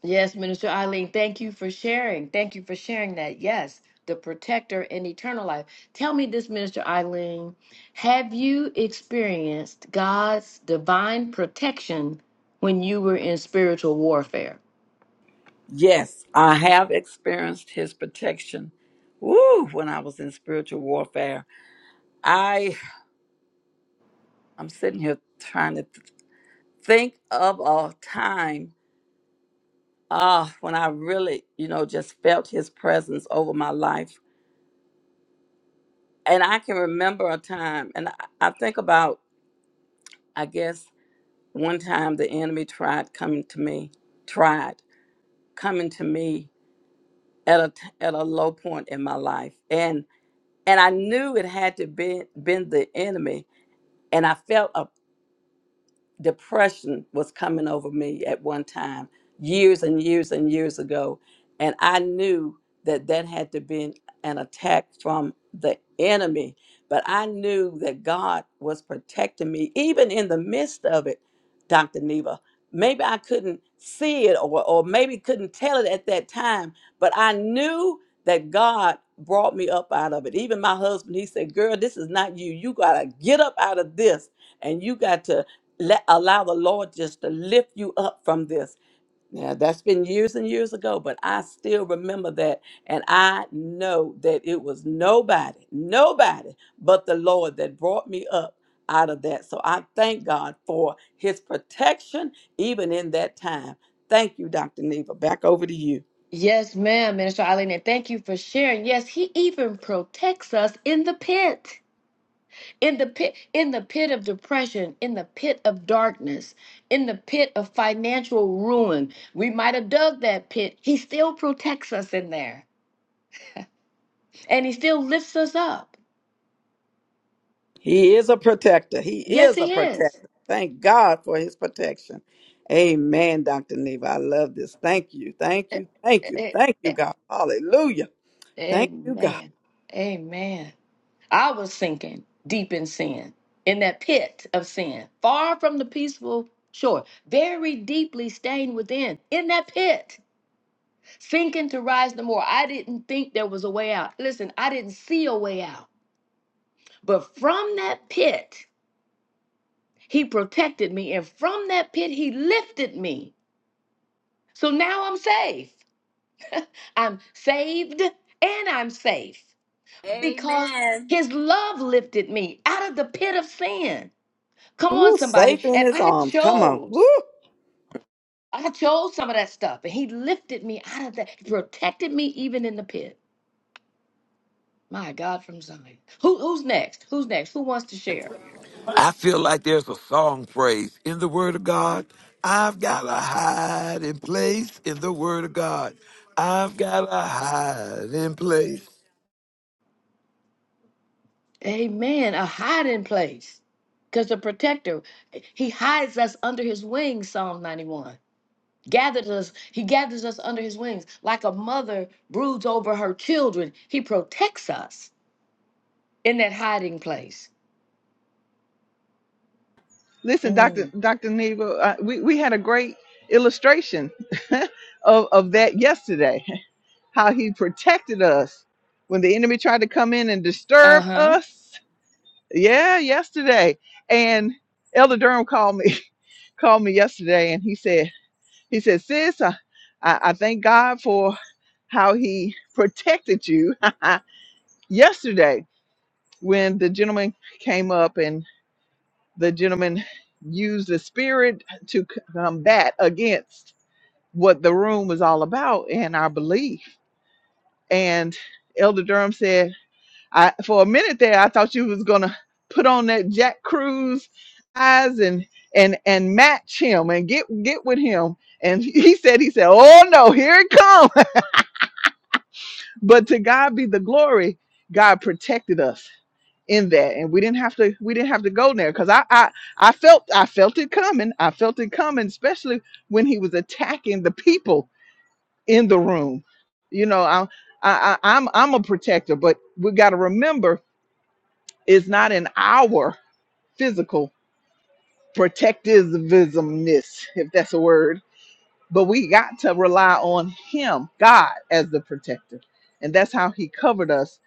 S2: Yes, Minister Eileen, thank you for sharing. Thank you for sharing that. Yes, the protector and eternal life. Tell me this, Minister Eileen, have you experienced God's divine protection when you were in spiritual warfare?
S7: Yes, I have experienced his protection. Woo, when I was in spiritual warfare. I I'm sitting here trying to th- think of a time ah when I really, you know, just felt his presence over my life. And I can remember a time and I, I think about I guess one time the enemy tried coming to me, tried coming to me. at a t- at a low point in my life and and i knew it had to be been the enemy and i felt a depression was coming over me at one time years and years and years ago and i knew that that had to be an an attack from the enemy but i knew that god was protecting me even in the midst of it dr neva maybe i couldn't see it or, or maybe couldn't tell it at that time but i knew that god brought me up out of it even my husband he said girl this is not you you gotta get up out of this and you got to let allow the Lord just to lift you up from this. Now that's been years and years ago, but I still remember that, and I know that it was nobody, nobody but the Lord that brought me up out of that. So I thank God for His protection even in that time. Thank you, Dr. Neva. Back over to you.
S2: Yes, ma'am, Minister Eileen, and thank you for sharing. Yes, He even protects us in the pit. in the pit in the pit of depression in the pit of darkness in the pit of financial ruin we might have dug that pit he still protects us in there and he still lifts us up
S7: He is a protector. He
S2: yes
S7: is a
S2: he is
S7: protector. Thank God for his protection. Amen, Dr. Neva. I love this. Thank you. Thank
S2: A-
S7: you. Thank you.
S2: a-
S7: Thank you,
S2: a-
S7: God. Hallelujah. Thank you, God.
S2: amen amen i was sinking deep in sin in that pit of sin far from the peaceful shore very deeply stained within in that pit sinking to rise no more. I didn't think there was a way out. Listen, I didn't see a way out. But from that pit, he protected me. And from that pit, he lifted me. So now I'm safe. I'm saved and I'm safe because
S6: Amen.
S2: his love lifted me out of the pit of sin. Come
S7: Ooh,
S2: on,
S7: safe
S2: somebody.
S7: in
S2: And
S7: his
S2: I
S7: arms. Come on. Woo.
S2: chose. I chose some of that stuff. And he lifted me out of that. He protected me even in the pit. My God from Zion. Who, who's next? Who's next? Who wants to share?
S3: I feel like there's a song phrase in the word of God. I've got a hiding place in the word of God. I've got a hiding place
S2: Amen. A hiding place. Because the protector, he hides us under his wings, Psalm 91. Gathers us, he gathers us under his wings. Like a mother broods over her children, he protects us in that hiding place.
S1: Listen, Dr.
S2: Mm.
S1: Dr. Neva, uh, we, we had a great illustration *laughs* of, of that yesterday. how he protected us when the enemy tried to come in and disturb
S2: Uh-huh.
S1: us. Yeah, yesterday. And Elder Durham called me, *laughs* called me yesterday and he said, he said, sis, I, I, I thank God for how he protected you *laughs* yesterday when the gentleman came up and the gentleman used the spirit to c- combat against what the room was all about and our belief. And Elder Durham said, I for a minute there I thought you was gonna put on that Jack Cruz eyes and and and match him and get get with him. And *laughs* he said, he said, Oh no, here it comes. *laughs* but to God be the glory, God protected us in that. And we didn't have to we didn't have to go there because I, I I felt I felt it coming. I felt it coming, especially when he was attacking the people in the room. You know, I I, I I'm I'm a protector, but we gotta remember it's not an hour. physical protectivismness, if that's a word. But we got to rely on Him, God, as the protector. And that's how He covered us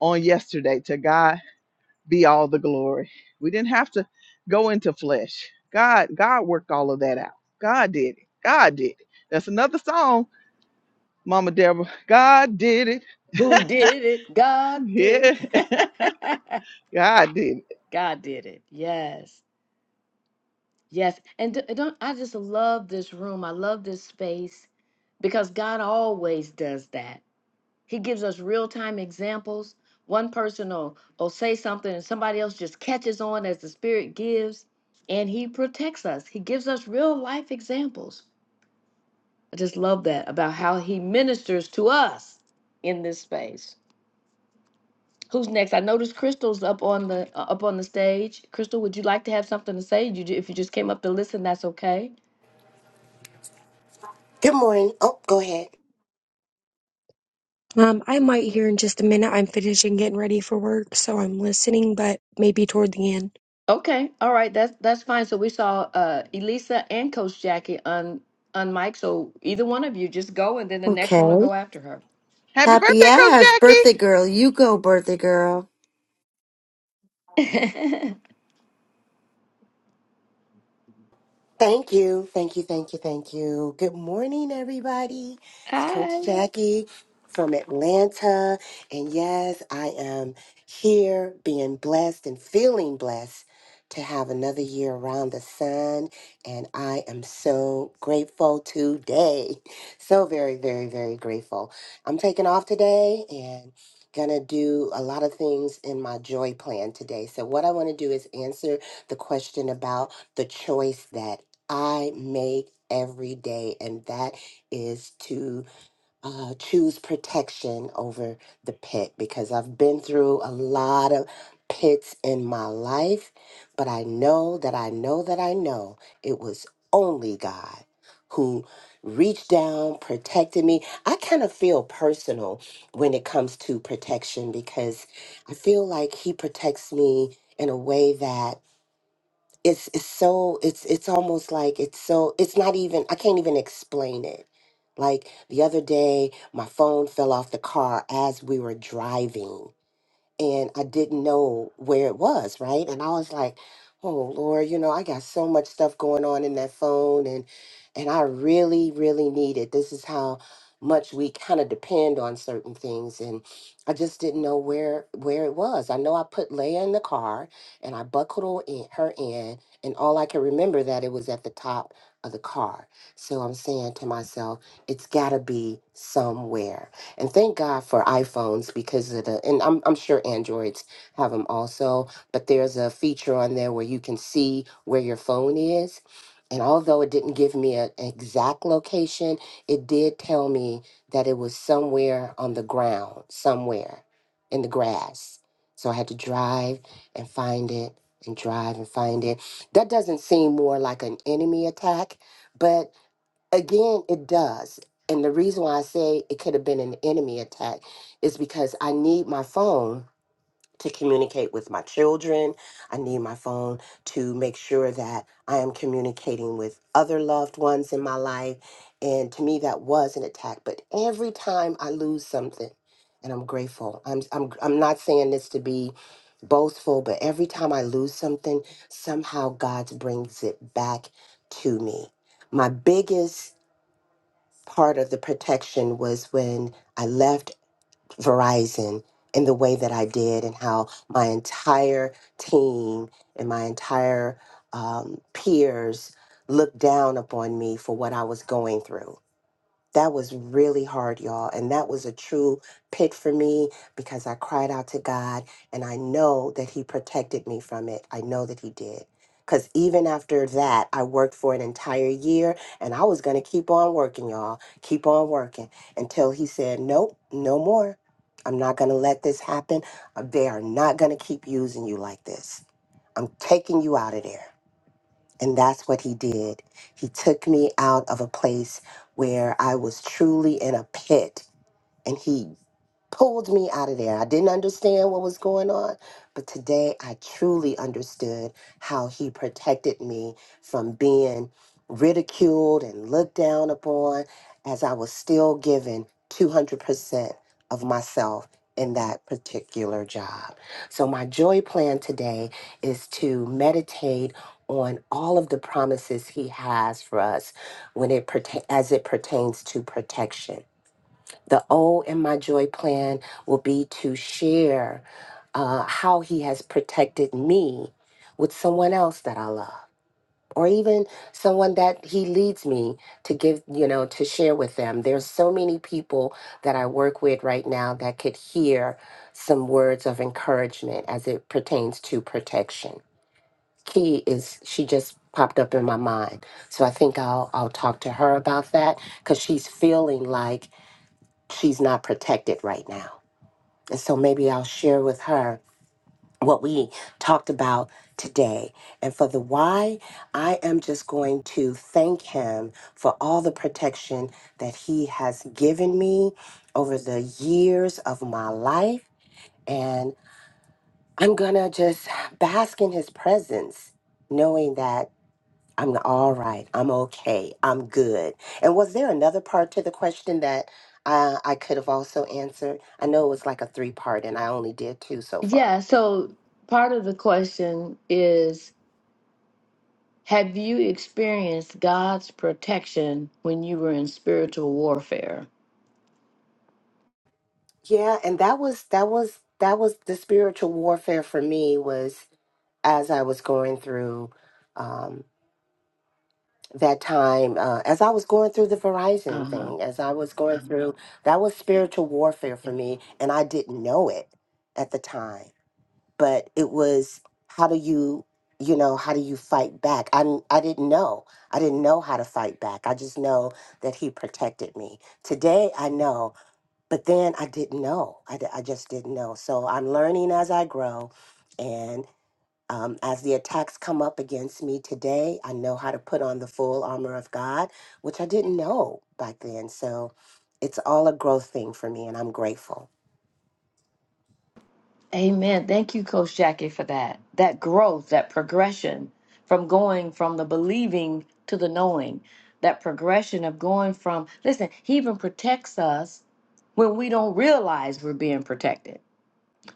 S1: on yesterday. To God be all the glory. We didn't have to go into flesh. God, God worked all of that out. God did it. God did it. That's another song, Mama Deborah. God did it.
S2: Who did it?
S1: *laughs*
S2: God did
S1: Yeah,
S2: it.
S1: God did it.
S2: *laughs* God did it. Yes. Yes, and d- don't I just love this room. I love this space because God always does that. He gives us real-time examples. One person will, will say something and somebody else just catches on as the Spirit gives, and He protects us. He gives us real life examples. I just love that about how He ministers to us in this space. Who's next? I noticed Crystal's up on the uh, up on the stage. Crystal, would you like to have something to say? You, ju- if you just came up to listen, that's okay.
S8: Good morning. Oh, go ahead.
S9: Um, I might hear in just a minute. I'm finishing getting ready for work, so I'm listening, but maybe toward the end.
S2: Okay, all right, that's that's fine. So we saw uh Elisa and Coach Jackie on on Mike. So either one of you just go, and then the next one will
S10: Okay.
S2: go after her.
S1: Happy birthday,
S10: Happy
S1: Coach
S10: ass.
S1: Jackie.
S10: Birthday girl. You go, birthday girl.
S2: *laughs*
S8: Thank you. Thank you. Thank you. Thank you. Good morning, everybody. It's
S2: Hi.
S8: Coach Jackie from Atlanta. And yes, I am here being blessed and feeling blessed to have another year around the sun. And I am so grateful today. So very, very, very grateful. I'm taking off today and gonna do a lot of things in my joy plan today. So what I want to do is answer the question about the choice that I make every day, and that is to uh, choose protection over the pit because I've been through a lot of pits in my life, but I know that I know that I know it was only God who reached down, protected me. I kind of feel personal when it comes to protection because I feel like He protects me in a way that it's it's so it's it's almost like it's so it's not even I can't even explain it. Like the other day, my phone fell off the car as we were driving and I didn't know where it was, right? And I was like, "Oh Lord, you know, I got so much stuff going on in that phone, and and I really, really need it. This is how much we kind of depend on certain things, and I just didn't know where where it was. I know I put Leia in the car, and I buckled her in, her in, and all I can remember that it was at the top of the car. So I'm saying to myself, it's got to be somewhere. And thank God for iPhones because of the, and I'm, I'm sure Androids have them also, but there's a feature on there where you can see where your phone is. And although it didn't give me a- an exact location, it did tell me that it was somewhere on the ground, somewhere in the grass. So I had to drive and find it and drive and find it. That doesn't seem more like an enemy attack, but Again, it does. And the reason why I say it could have been an enemy attack is because I need my phone to communicate with my children. I need my phone to make sure that I am communicating with other loved ones in my life. And to me, that was an attack. But every time I lose something, and I'm grateful. I'm I'm I'm not saying this to be boastful, but every time I lose something, somehow God brings it back to me. My biggest part of the protection was when I left Verizon in the way that I did, and how my entire team and my entire um, peers looked down upon me for what I was going through that was really hard, y'all. And that was a true pit for me because I cried out to God and I know that He protected me from it. I know that He did. Because even after that, I worked for an entire year and I was going to keep on working, y'all. Keep on working until He said, Nope, no more. I'm not going to let this happen. They are not going to keep using you like this. I'm taking you out of there. And that's what he did. He took me out of a place where I was truly in a pit. And he pulled me out of there. I didn't understand what was going on, but today I truly understood how he protected me from being ridiculed and looked down upon as I was still giving 200% of myself in that particular job. So, my joy plan today is to meditate on all of the promises he has for us when it pertain as it pertains to protection the O in my joy plan will be to share uh, how he has protected me with someone else that I love, or even someone that he leads me to give, you know, to share with them. There's so many people that I work with right now that could hear some words of encouragement as it pertains to protection. Key is she just popped up in my mind. So I think I'll I'll talk to her about that cuz she's feeling like she's not protected right now. And so maybe I'll share with her what we talked about today. And for the why, I am just going to thank him for all the protection that he has given me over the years of my life. And I'm going to just bask in his presence, knowing that. I'm all right. I'm okay. I'm good. And was there another part to the question that uh, I could have also answered? I know it was like a three part, and I only did two so far.
S2: Yeah. So part of the question is, have you experienced God's protection when you were in spiritual warfare?
S8: Yeah, and that was that was that was the spiritual warfare for me was as I was going through um, that time, uh, as I was going through the
S2: Uh
S8: Verizon
S2: huh.
S8: thing, as I was going Mhm. through that was spiritual warfare
S2: Yeah.
S8: for me, and I didn't know it at the time but it was how do you you know how do you fight back I n- i didn't know i didn't know how to fight back i just know that he protected me today i know but then i didn't know I di- I just didn't know so i'm learning as i grow and um, as the attacks come up against me today i know how to put on the full armor of god which i didn't know back then so it's all a growth thing for me and i'm grateful
S2: Amen. Thank you, Coach Jackie, for that. That growth, that progression from going from the believing to the knowing, that progression of going from, listen, He even protects us when we don't realize we're being protected.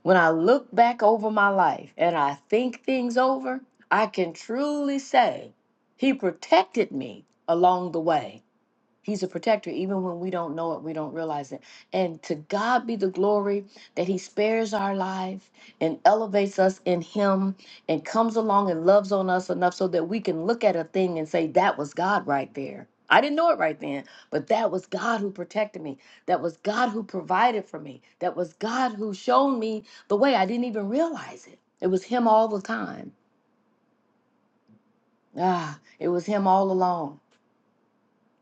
S2: When I look back over my life and I think things over, I can truly say He protected me along the way He's a protector, even when we don't know it, we don't realize it. And to God be the glory that He spares our life and elevates us in Him and comes along and loves on us enough so that we can look at a thing and say, That was God right there. I didn't know it right then, but that was God who protected me. That was God who provided for me. That was God who showed me the way. I didn't even realize it. It was Him all the time. Ah, it was Him all along.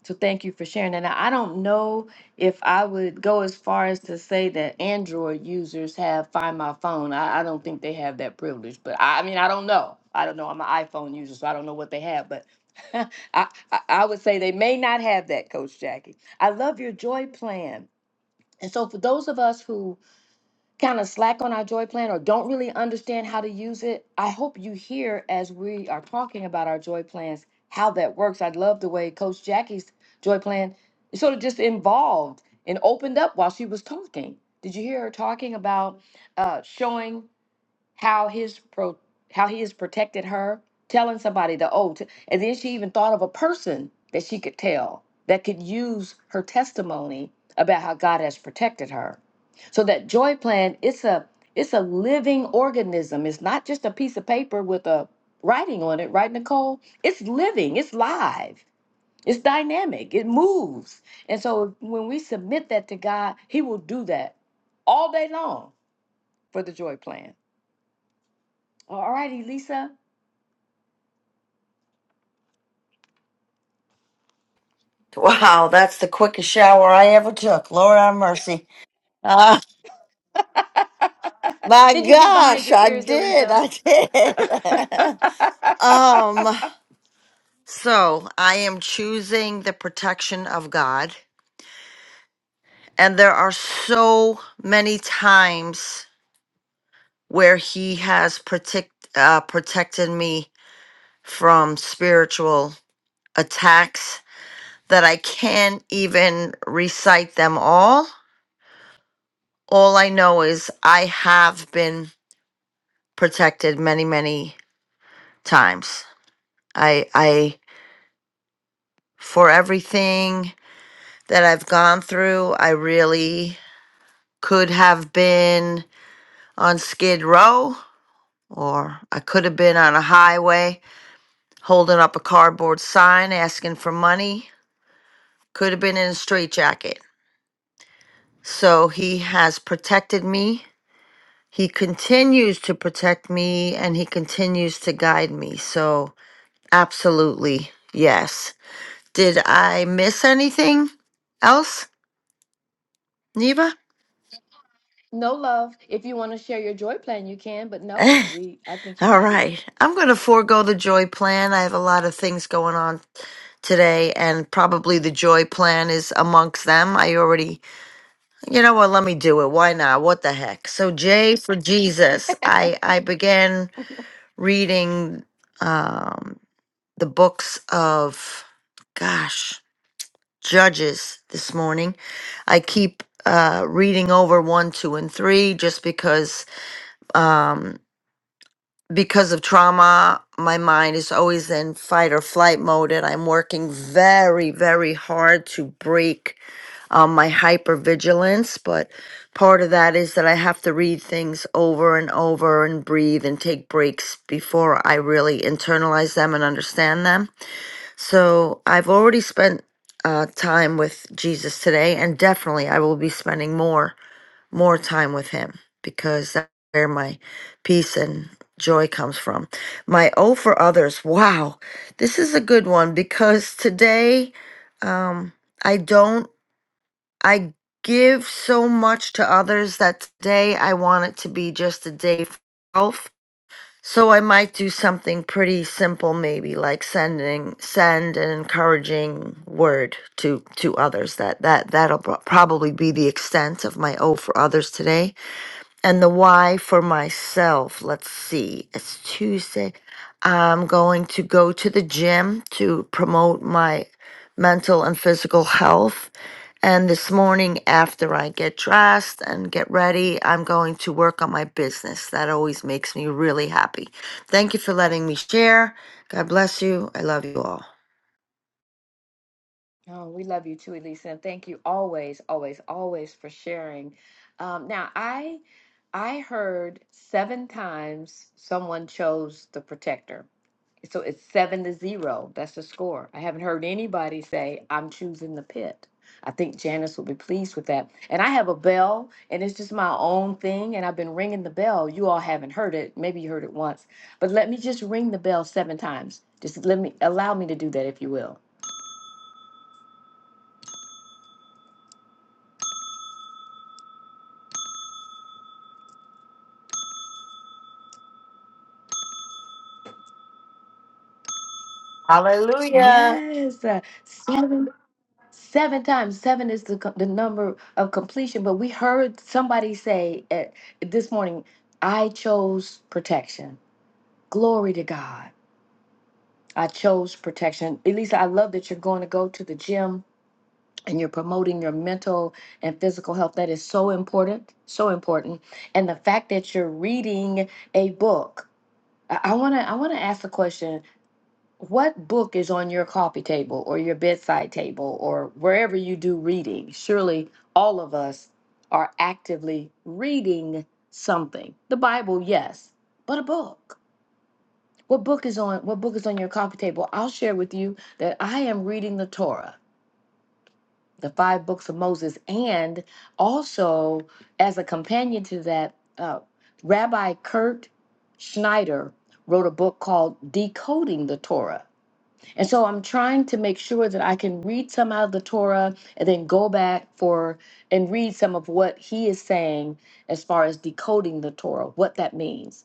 S2: So thank you for sharing that. Now, I don't know if I would go as far as to say that Android users have Find My Phone. I, I don't think they have that privilege, but I, I mean, I don't know. I don't know. I'm an iPhone user, so I don't know what they have, but *laughs* I, I, I would say they may not have that, Coach Jackie. I love your joy plan. And so for those of us who kind of slack on our joy plan or don't really understand how to use it, I hope you hear as we are talking about our joy plans how that works. I love the way Coach Jackie's joy plan is sort of just involved and opened up while she was talking. Did you hear her talking about uh, showing? how his pro how he has protected her telling somebody the oh t- and then she even thought of a person that she could tell that could use her testimony about how god has protected her so that joy plan it's a it's a living organism it's not just a piece of paper with a writing on it right nicole it's living it's live it's dynamic it moves and so when we submit that to god he will do that all day long for the joy plan all righty, Lisa.
S10: Wow, that's the quickest shower I ever took. Lord have mercy. Ah,
S2: *laughs*
S10: my
S2: Did you get behind
S10: gosh,
S2: your
S10: I
S2: ears,
S10: did.
S2: Elisa?
S10: I
S2: *laughs*
S10: did. *laughs* um, so I am choosing the protection of God. And there are so many times where he has protect, uh, protected me from spiritual attacks that I can't even recite them all. All I know is I have been protected many, many times. I, I, for everything that I've gone through, I really could have been on Skid Row or I could have been on a highway holding up a cardboard sign asking for money, could have been in a straitjacket. So he has protected me He continues to protect me and he continues to guide me. So, absolutely, yes. Did I miss anything else, Neva? *laughs*
S2: No love. If you want to share your joy plan, you can, but
S10: Eh,
S2: no, we I think you
S10: All
S2: covered it.
S10: right. I'm going to forego the joy plan. I have a lot of things going on today, and probably the joy plan is amongst them. I already, you know what? Let me do it. Why not? What the heck? So, J for Jesus. I I began reading. Um, the books of, gosh, Judges this morning. I keep uh, reading over one, two, and three just because um, because of trauma, my mind is always in fight or flight mode, and I'm working very, very hard to break um, my hypervigilance. But part of that is that I have to read things over and over and breathe and take breaks before I really internalize them and understand them. So I've already spent uh, time with Jesus today, and definitely I will be spending more more time with Him because that's where my peace and joy comes from. My O for others. Wow, this is a good one because today um, I don't I give so much to others that today I want it to be just a day for myself so I might do something pretty simple, maybe like sending send an encouraging word to to others. That that that'll pro- probably be the extent of my O for others today and the why for myself. Let's see, it's Tuesday. I'm going to go to the gym to promote my mental and physical health. And this morning, after I get dressed and get ready, I'm going to work on my business. That always makes me really happy. Thank you for letting me share. God bless you. I love you all.
S2: Oh, we love you too, Elisa, and thank you always, always, always for sharing. Um, now I I heard seven times someone chose the protector. So it's seven to zero. That's the score. I haven't heard anybody say, I'm choosing the pit. I think Janice will be pleased with that. And I have a bell, and it's just my own thing. And I've been ringing the bell. You all haven't heard it. Maybe you heard it once, but let me just ring the bell seven times. Just let me allow me to do that, if you will.
S10: Hallelujah.
S2: Yes, uh, seven, seven times. Seven is the co- the number of completion. But we heard somebody say at, this morning, I chose protection. Glory to God. I chose protection. Elisa, I love that you're going to go to the gym and you're promoting your mental and physical health. That is so important, so important. And the fact that you're reading a book. I want to I want to ask the question, what book is on your coffee table or your bedside table or wherever you do reading? Surely all of us are actively reading something. The Bible, yes, but a book. What book is on what book is on your coffee table? I'll share with you that I am reading the Torah, the five books of Moses, and also as a companion to that, uh, Rabbi Kurt Schneider wrote a book called Decoding the Torah. And so I'm trying to make sure that I can read some out of the Torah and then go back for and read some of what he is saying as far as decoding the Torah, what that means.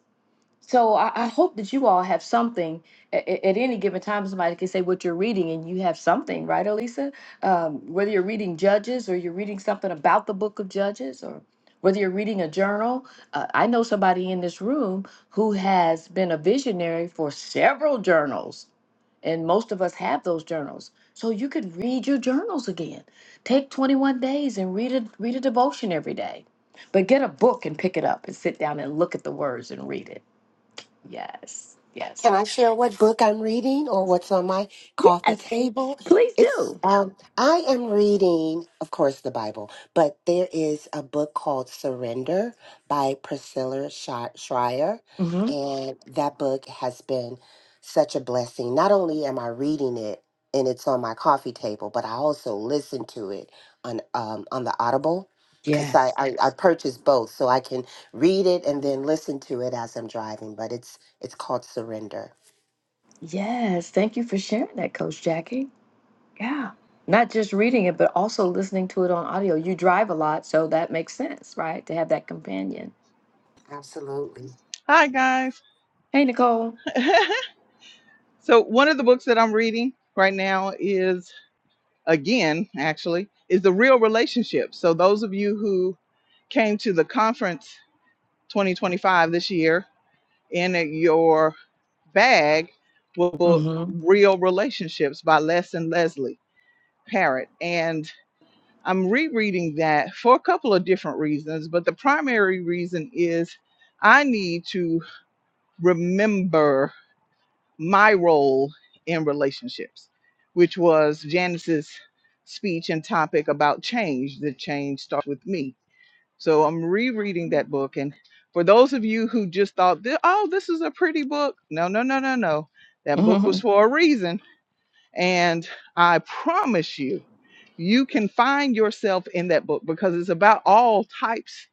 S2: So I, I hope that you all have something at, at any given time. Somebody can say what you're reading, and you have something, right, Elisa? Um, whether you're reading Judges or you're reading something about the Book of Judges, or whether you're reading a journal. Uh, I know somebody in this room who has been a visionary for several journals, and most of us have those journals. So you could read your journals again. Take 21 days and read a read a devotion every day, but get a book and pick it up and sit down and look at the words and read it Yes. Yes.
S8: Can I share what book I'm reading or what's on my coffee
S2: Yes,
S8: table?
S2: please
S8: It's
S2: do.
S8: um I am reading, of course, the Bible, but there is a book called Surrender by Priscilla Sh- Schreier,
S2: hmm
S8: and that book has been such a blessing. Not only am I reading it and it's on my coffee table, but I also listen to it on um on the Audible because I,
S2: Yes.
S8: I I purchased both so I can read it and then listen to it as I'm driving. But it's it's called surrender.
S2: Yes. Thank you for sharing that, Coach Jackie. Yeah. Not just reading it, but also listening to it on audio. You drive a lot, so that makes sense, right? To have that companion.
S8: Absolutely.
S1: Hi, guys.
S2: Hey, Nicole.
S1: *laughs* so, one of the books that I'm reading right now is, again, actually, is The Real Relationship. So, those of you who came to the conference 2025 this year, in your bag will book
S2: hmm
S1: Real Relationships by Les and Leslie Parrott. And I'm rereading that for a couple of different reasons, but the primary reason is I need to remember my role in relationships, which was Janice's speech and topic about change. The change starts with me. So I'm rereading that book. And for those of you who just thought, oh, this is a pretty book, no, no, no, no, no. That book
S2: hmm
S1: was
S2: *laughs*
S1: for a reason. And I promise you, you can find yourself in that book because it's about all types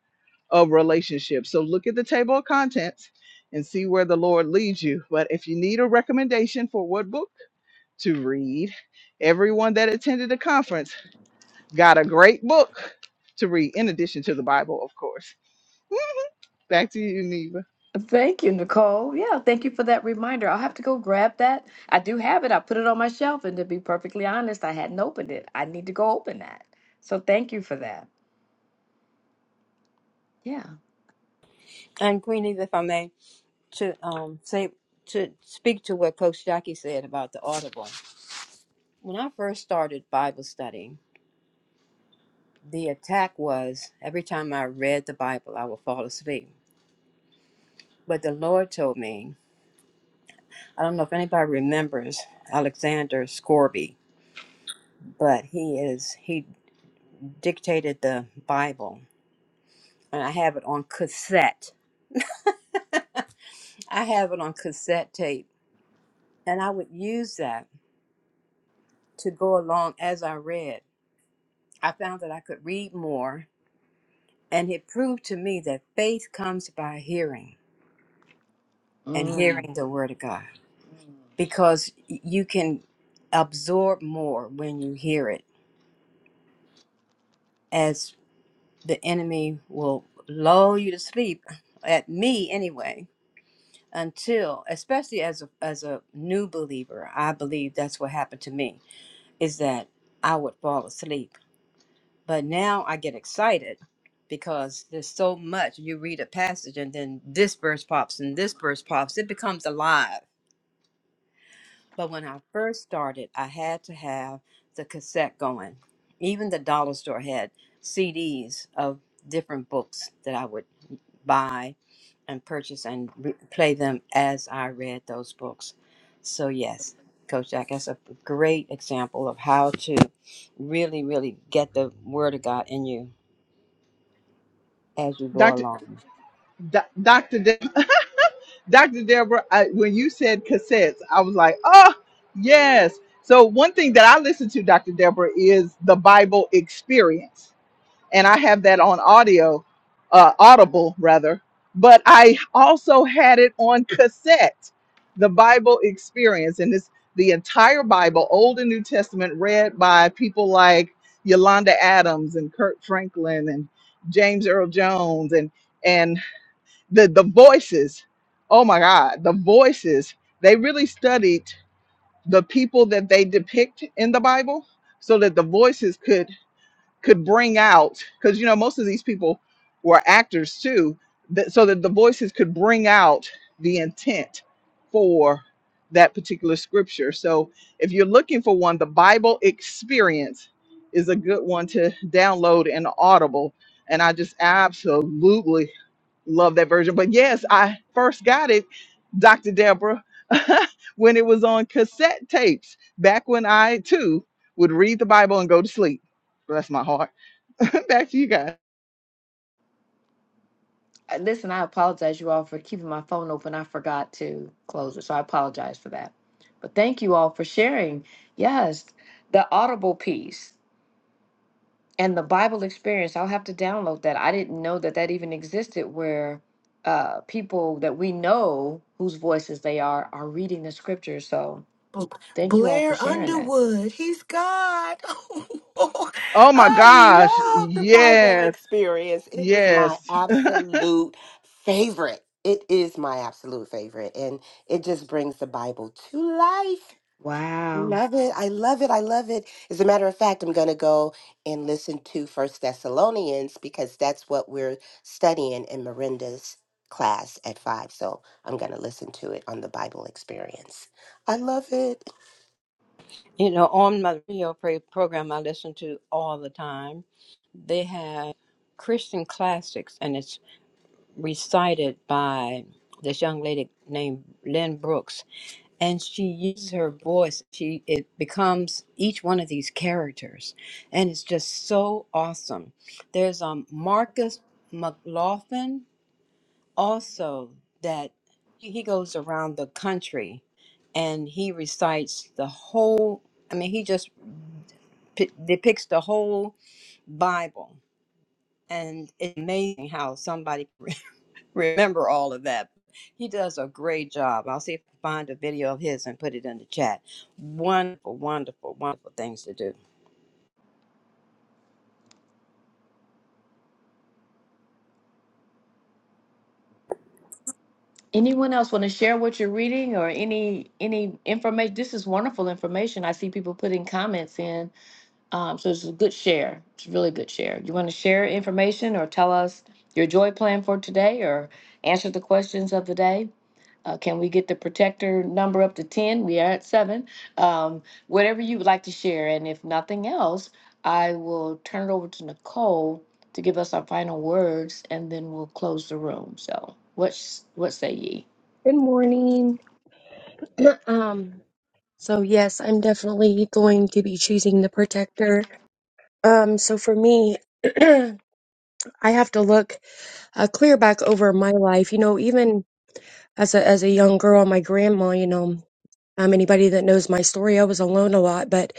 S1: of relationships. So look at the table of contents and see where the Lord leads you. But if you need a recommendation for what book to read, everyone that attended the conference got a great book to read, in addition to the Bible, of course. *laughs* Back to you, Neva.
S2: Thank you, Nicole. Yeah, thank you for that reminder. I'll have to go grab that. I do have it. I put it on my shelf, and to be perfectly honest, I hadn't opened it. I need to go open that. So thank you for that. Yeah.
S6: And Queenie, if I may, to um say to speak to what Coach Jackie said about the audible. When I first started Bible study, the attack was every time I read the Bible, I would fall asleep. But the Lord told me, I don't know if anybody remembers Alexander Scorby, but he is he dictated the Bible, and I have it on cassette. *laughs* I have it on cassette tape, and I would use that to go along as I read. I found that I could read more, and it proved to me that faith comes by hearing and
S2: Mm.
S6: hearing the Word of God because y- you can absorb more when you hear it. As the enemy will lull you to sleep at me anyway until especially as a, as a new believer i believe that's what happened to me is that i would fall asleep but now i get excited because there's so much you read a passage and then this verse pops and this verse pops it becomes alive but when i first started i had to have the cassette going even the dollar store had cds of different books that i would buy and purchase and re- play them as I read those books. So, yes, Coach Jack, that's a great example of how to really, really get the Word of God in you as you go
S1: Doctor,
S6: along.
S1: Do- Doctor, De- *laughs* Doctor Deborah. I, when you said cassettes, I was like, oh yes. So one thing that I listen to, Doctor Deborah, is the Bible Experience. and I have that on audio, uh, Audible rather. But I also had it on cassette, the Bible Experience, and it's the entire Bible, Old and New Testament, read by people like Yolanda Adams and Kurt Franklin and James Earl Jones and and the the voices. Oh my God, the voices. They really studied the people that they depict in the Bible so that the voices could could bring out because you know most of these people were actors too that, so that the voices could bring out the intent for that particular scripture so if you're looking for one the bible experience is a good one to download in audible and i just absolutely love that version but yes i first got it dr deborah *laughs* when it was on cassette tapes back when i too would read the bible and go to sleep bless my heart *laughs* Back to you guys.
S2: Uh, Listen, I apologize you all for keeping my phone open. I forgot to close it, so I apologize for that. But thank you all for sharing. Yes, the Audible piece and the Bible experience. I'll have to download that. I didn't know that that even existed where uh, people that we know whose voices they are are reading the scripture. So
S8: B-
S2: thank you all for
S8: Blair
S2: sharing that.
S8: Underwood. He's God. *laughs*
S1: Oh my
S8: I
S1: gosh.
S8: love the Bible
S1: Yes.
S8: experience. It is my
S1: Yes.
S8: absolute favorite. It is my absolute favorite. And it just brings the Bible to life.
S2: Wow.
S8: Love it. I love it. I love it. As a matter of fact, I'm going to go and listen to First Thessalonians because that's what we're studying in Miranda's class at five. So I'm going to listen to it on the Bible experience. I love it.
S6: You know, on my radio pro- program I listen to all the time, they have Christian classics, and it's. recited by this young lady named Lynn Brooks, and she uses her voice. She it becomes each one of these characters, and it's just so awesome. There's um Marcus McLaughlin also that he he goes around the country, and he recites the whole. I mean, he just p- depicts the whole Bible, and it's amazing how somebody *laughs* remember all of that. He does a great job. I'll see if I can find a video of his and put it in the chat. Wonderful, wonderful, wonderful things to do.
S2: Anyone else want to share what you're reading or any any information? This is wonderful information. I see people putting comments in Um, so it's a good share. It's a really good share. You want to share information or tell us your joy plan for today or answer the questions of the day? Uh, can we get the protector number up to 10? We are at seven. Um, whatever you would like to share. And if nothing else, I will turn it over to Nicole to give us our final words and then we'll close the room. So, what, what say ye?
S9: Good morning. *clears throat* um, so yes, I'm definitely going to be choosing the protector. Um, so for me, *clears throat* I have to look uh, clear back over my life. You know, even as a as a young girl, my grandma. You know, um, anybody that knows my story, I was alone a lot, but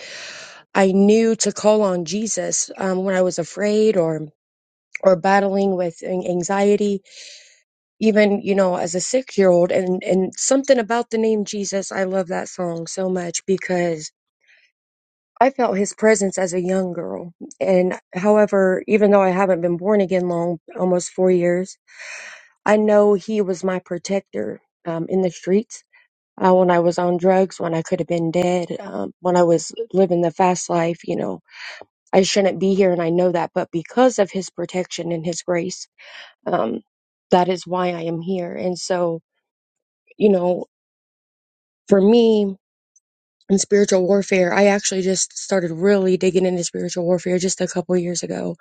S9: I knew to call on Jesus um, when I was afraid or or battling with an- anxiety even you know as a six year old and and something about the name jesus i love that song so much because i felt his presence as a young girl and however even though i haven't been born again long almost four years i know he was my protector um, in the streets uh, when i was on drugs when i could have been dead um, when i was living the fast life you know i shouldn't be here and i know that but because of his protection and his grace um, that is why i am here and so you know for me in spiritual warfare, I actually just started really digging into spiritual warfare just a couple years ago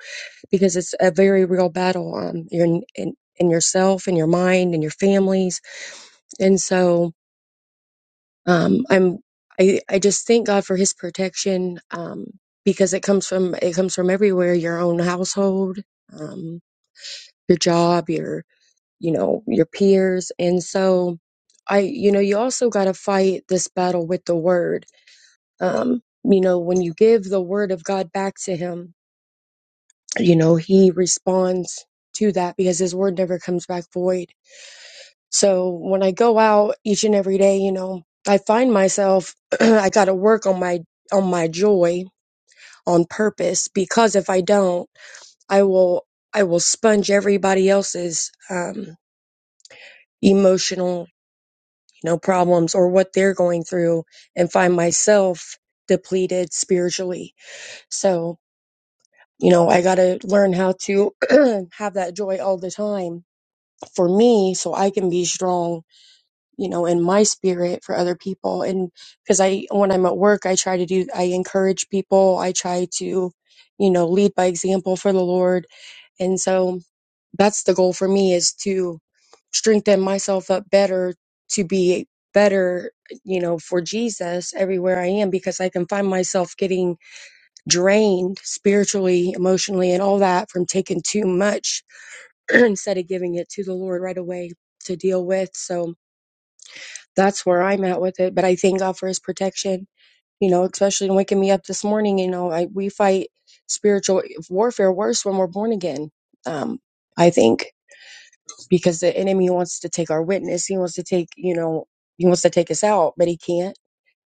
S9: because it's a very real battle um, in, in, in yourself and your mind and your families. And so um, I'm I, I just thank God for His protection um, because it comes from it comes from everywhere your own household, um, your job, your you know your peers, and so I you know you also got to fight this battle with the word Um, you know, when you give the word of God back to him, you know, he responds to that because his word never comes back void. So when I go out each and every day, you know, I find myself *clears throat* I got to work on my on my joy on purpose because if I don't, I will I will sponge everybody else's um emotional, you know, problems or what they're going through and find myself depleted spiritually. So You know, I got to learn how to *clears throat* have that joy all the time for me so I can be strong, you know, in my spirit for other people. And because I, when I'm at work, I try to do, I encourage people, I try to, you know, lead by example for the Lord. And so that's the goal for me is to strengthen myself up better to be better, you know, for Jesus everywhere I am because I can find myself getting drained spiritually, emotionally, and all that from taking too much *clears throat* instead of giving it to the Lord right away to deal with. So that's where I'm at with it. But I thank God for his protection, you know, especially in waking me up this morning. You know, I, we fight spiritual warfare worse when we're born again. Um, I think because the enemy wants to take our witness, he wants to take, you know, he wants to take us out, but he can't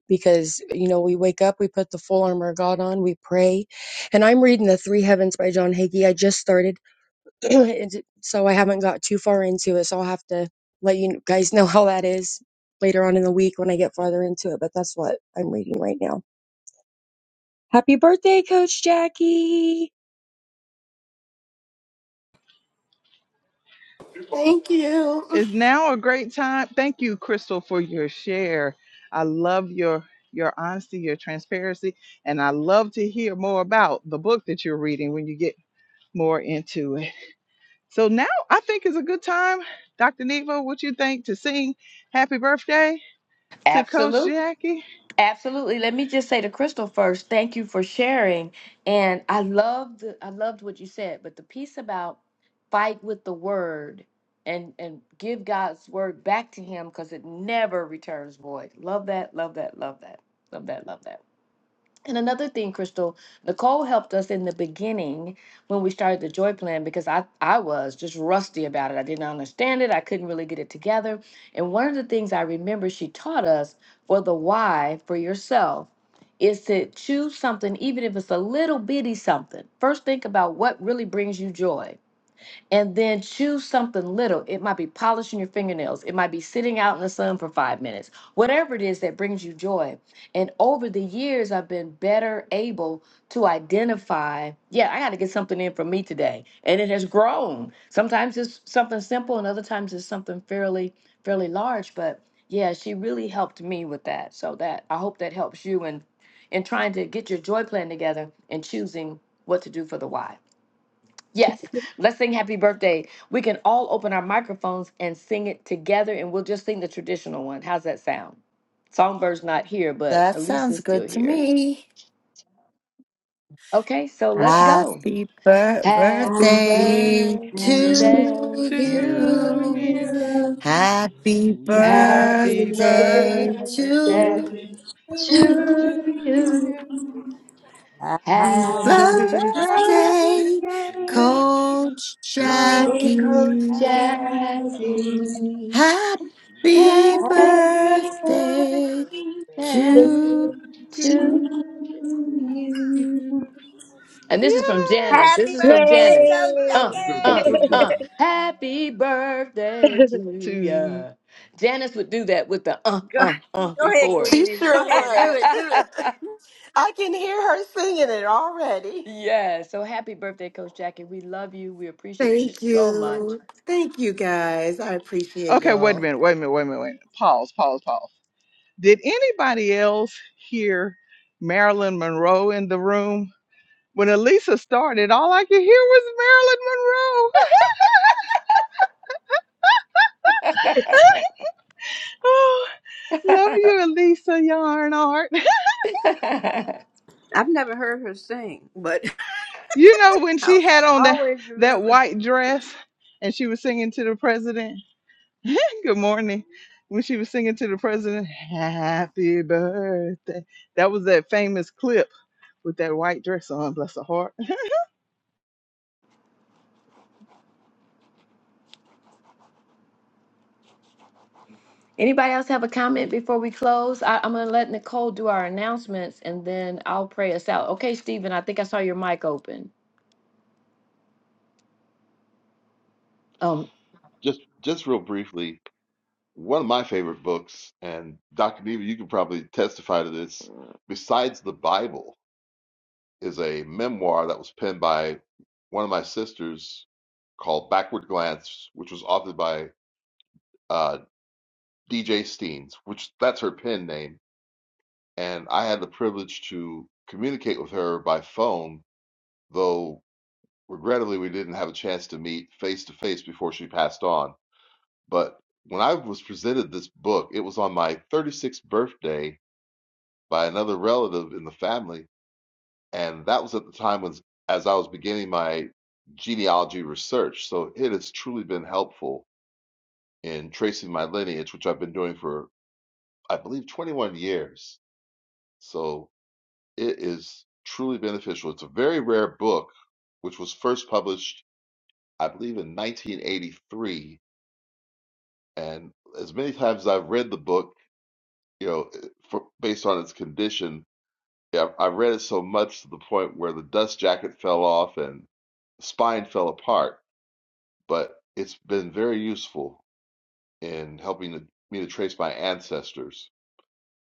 S9: because you know we wake up we put the full armor of god on we pray and i'm reading the three heavens by john hagee i just started *clears throat* and so i haven't got too far into it so i'll have to let you guys know how that is later on in the week when i get farther into it but that's what i'm reading right now happy birthday coach jackie
S8: Thank you. *laughs*
S1: Is now a great time? Thank you, Crystal, for your share. I love your your honesty, your transparency, and I love to hear more about the book that you're reading when you get more into it. So now I think is a good time, Dr. Neva, what you think to sing happy birthday to Coach
S2: Absolutely.
S1: Jackie?
S2: Absolutely. Let me just say to Crystal first, thank you for sharing. And I loved I loved what you said, but the piece about fight with the word and and give God's word back to him because it never returns void. Love that, love that, love that. Love that, love that. And another thing, Crystal, Nicole helped us in the beginning when we started the joy plan because I, I was just rusty about it. I didn't understand it. I couldn't really get it together. And one of the things I remember she taught us for the why for yourself is to choose something, even if it's a little bitty something. First, think about what really brings you joy and then choose something little. It might be polishing your fingernails, it might be sitting out in the sun for five minutes, whatever it is that brings you joy. And over the years, I've been better able to identify, yeah, I got to get something in for me today. And it has grown. Sometimes it's something simple, and other times it's something fairly, fairly large. But yeah, she really helped me with that. So that I hope that helps you in in trying to get your joy plan together and choosing what to do for the why. Yes, let's sing happy birthday. We can all open our microphones and sing it together, and we'll just sing the traditional one. How's that sound? Songbird's not here, but
S10: That sounds
S2: Elisa's still
S10: good to
S2: here.
S10: me.
S2: Okay, so let's go.
S10: Happy bir-
S2: Happy
S6: Happy
S10: birthday
S2: birthday
S6: birthday.
S10: to
S1: to
S2: to
S10: you.
S1: you.
S2: you.
S10: Happy
S6: Happy
S2: Happy
S1: Happy birthday
S10: birthday
S6: birthday
S2: birthday
S10: to
S6: to
S1: to
S10: you.
S2: to
S1: you.
S2: you.
S6: you.
S10: Happy
S2: Happy birthday,
S1: Happy
S6: Happy
S1: birthday,
S10: birthday,
S6: birthday.
S10: Coach
S1: to
S2: Coach
S6: Because
S10: Jackie.
S6: Daddy,
S1: Jackie.
S2: Jackie.
S10: Happy
S1: And
S9: *laughs*
S2: Happy
S7: *laughs*
S6: happy
S2: birthday
S10: birthday to
S9: Yay!
S6: birthday.
S1: To
S2: to
S1: you.
S10: you.
S2: you.
S6: to you.
S2: And this is from
S1: Yeah.
S2: Janice.
S6: Happy
S2: This is from
S6: birthday,
S2: Janice.
S6: Coach
S2: Uh,
S5: Okay,
S2: uh,
S6: Jackie!
S2: uh. Happy birthday to
S1: To.
S2: ya. Janice would do that with the uh,
S6: Go,
S2: uh, uh
S6: Go ahead,
S2: before it.
S8: She
S6: Queenie. Go
S8: sure
S6: ahead. Do it. Do
S8: would.
S6: it.
S2: *laughs*
S8: *laughs* I can hear her singing it already.
S2: yeah. So happy birthday, Coach Jackie. We love you. We appreciate you
S8: Thank
S2: so much.
S8: you. Thank you guys. I appreciate
S1: Okay, wait a
S8: y'all.
S1: minute, wait a minute, wait a minute, wait a minute. Pause, pause, pause. Did anybody else hear Marilyn Monroe in the room? When Elisa started, all I could hear was Marilyn Monroe. *laughs* oh, love you, Elisa Yarnart.
S2: *laughs*
S6: I've never heard her sing, but
S1: *laughs* you know when
S6: *laughs*
S1: she
S6: I'll
S1: had on that
S6: always
S1: that
S6: remember.
S1: white dress and she was singing to the president. *laughs* Good morning. When she was singing to the president, "Happy Birthday," that was that famous clip with that white dress on. Bless her heart.
S2: Anybody else have a comment before we close? I, I'm going to let Nicole do our announcements and then I'll pray us out. Okay, Stephen, I think I saw your mic open. Um,
S5: Just, just real briefly, one of my favorite books, and Dr. Neva, you can probably testify to this, besides the Bible. is a memoir that was penned by one of my sisters called Backward Glance, which was authored by uh, DJ Steens, which that's her pen name. And I had the privilege to communicate with her by phone, though regrettably we didn't have a chance to meet face to face before she passed on. But when I was presented this book, it was on my 36th birthday by another relative in the family And that was at the time when, as I was beginning my genealogy research. So it has truly been helpful in tracing my lineage, which I've been doing for, I believe, 21 years. So it is truly beneficial. It's a very rare book, which was first published, I believe, in 1983. And as many times as I've read the book, you know, for, based on its condition, I I read it so much to the point where the dust jacket fell off and spine fell apart but it's been very useful in helping to, me to trace my ancestors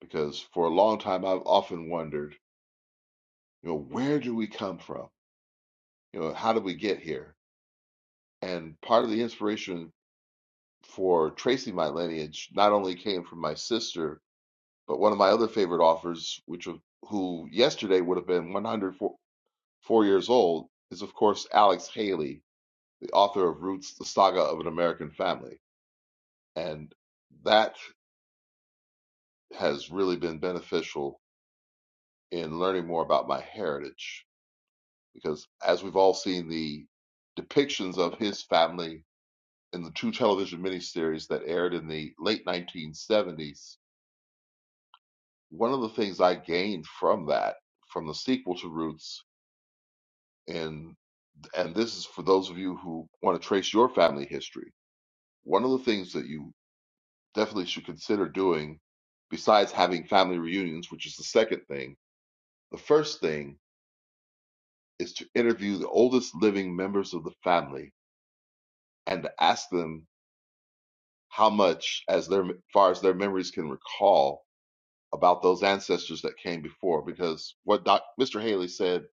S5: because for a long time I've often wondered, you know, where do we come from? You know, how did we get here? And part of the inspiration for tracing my lineage not only came from my sister, but one of my other favorite authors, which was, who yesterday would have been 104 years old, is of course Alex Haley, the author of Roots: The Saga of an American Family, and that. has really been beneficial in learning more about my heritage because as we've all seen the depictions of his family in the two television miniseries that aired in the late 1970s one of the things i gained from that from the sequel to roots and and this is for those of you who want to trace your family history one of the things that you definitely should consider doing besides having family reunions which is the second thing the first thing is to interview the oldest living members of the family and to ask them how much, as their far as their memories can recall, about those ancestors that came before. Because what Doc, Mr. Haley said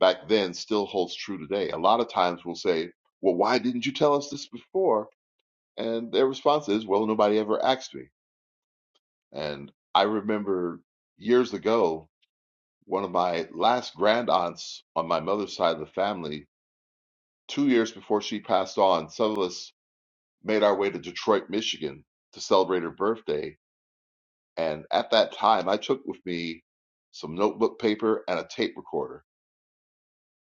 S5: back then still holds true today. A lot of times we'll say, "Well, why didn't you tell us this before?" And their response is, "Well, nobody ever asked me." And I remember years ago, one of my last grand aunts on my mother's side of the family, two years before she passed on, some of us made our way to Detroit, Michigan to celebrate her birthday. And at that time, I took with me some notebook paper and a tape recorder.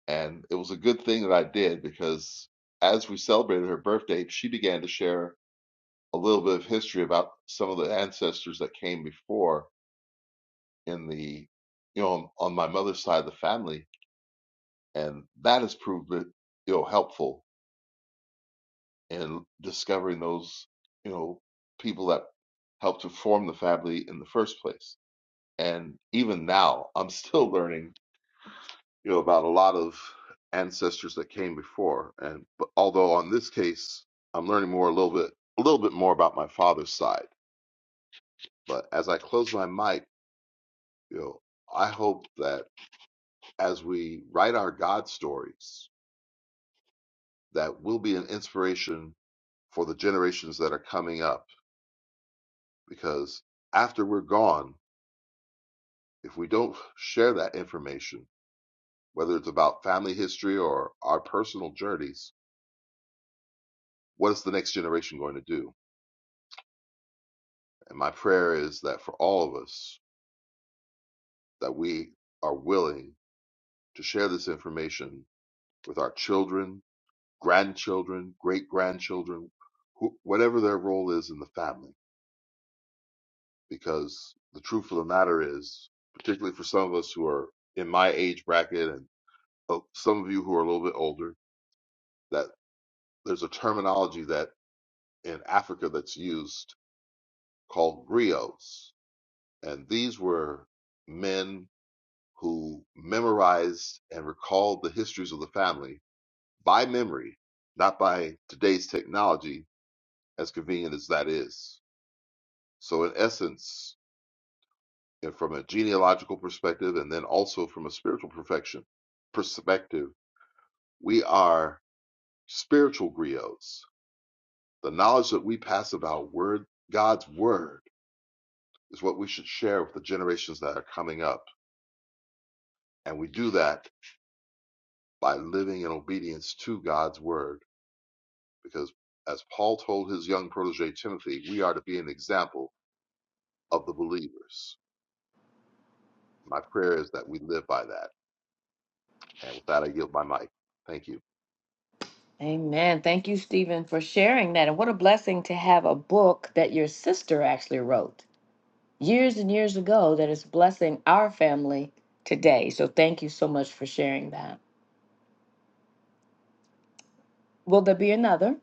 S5: And it was a good thing that I did because as we celebrated her birthday, she began to share a little bit of history about some of the ancestors that came before in the, you know, on, my mother's side of the family. And that has proved it, you know, helpful in discovering those, you know, people that helped to form the family in the first place. And even now, I'm still *laughs* learning, you know, about a lot of ancestors that came before. And but although on this case, I'm learning more a little bit, a little bit more about my father's side. But as I close my mic, you know, I hope that as we write our God stories, that will be an inspiration for the generations that are coming up. Because after we're gone, if we don't share that information, whether it's about family history or our personal journeys, what is the next generation going to do? And my prayer is that for all of us, that we are willing to share this information with our children, grandchildren, great grandchildren, who, whatever their role is in the family. Because the truth of the matter is, particularly for some of us who are in my age bracket and uh, some of you who are a little bit older, that there's a terminology that in Africa that's used called griots. And these were men who memorized and recalled the histories of the family by memory, not by today's technology, as convenient as that is. So, in essence, and from a genealogical perspective, and then also from a spiritual perfection perspective, we are spiritual griots. The knowledge that we pass about word, God's word is what we should share with the generations that are coming up. And we do that by living in obedience to God's word Because as Paul told his young protege Timothy, we are to be an example of the believers. My prayer is that we live by that. And with that, I yield my mic. Thank you.
S2: amen. Thank you, Stephen, for sharing that. And what a blessing to have a book that your sister actually wrote years and years ago that is blessing our family today. So thank you so much for sharing that. Will there be another?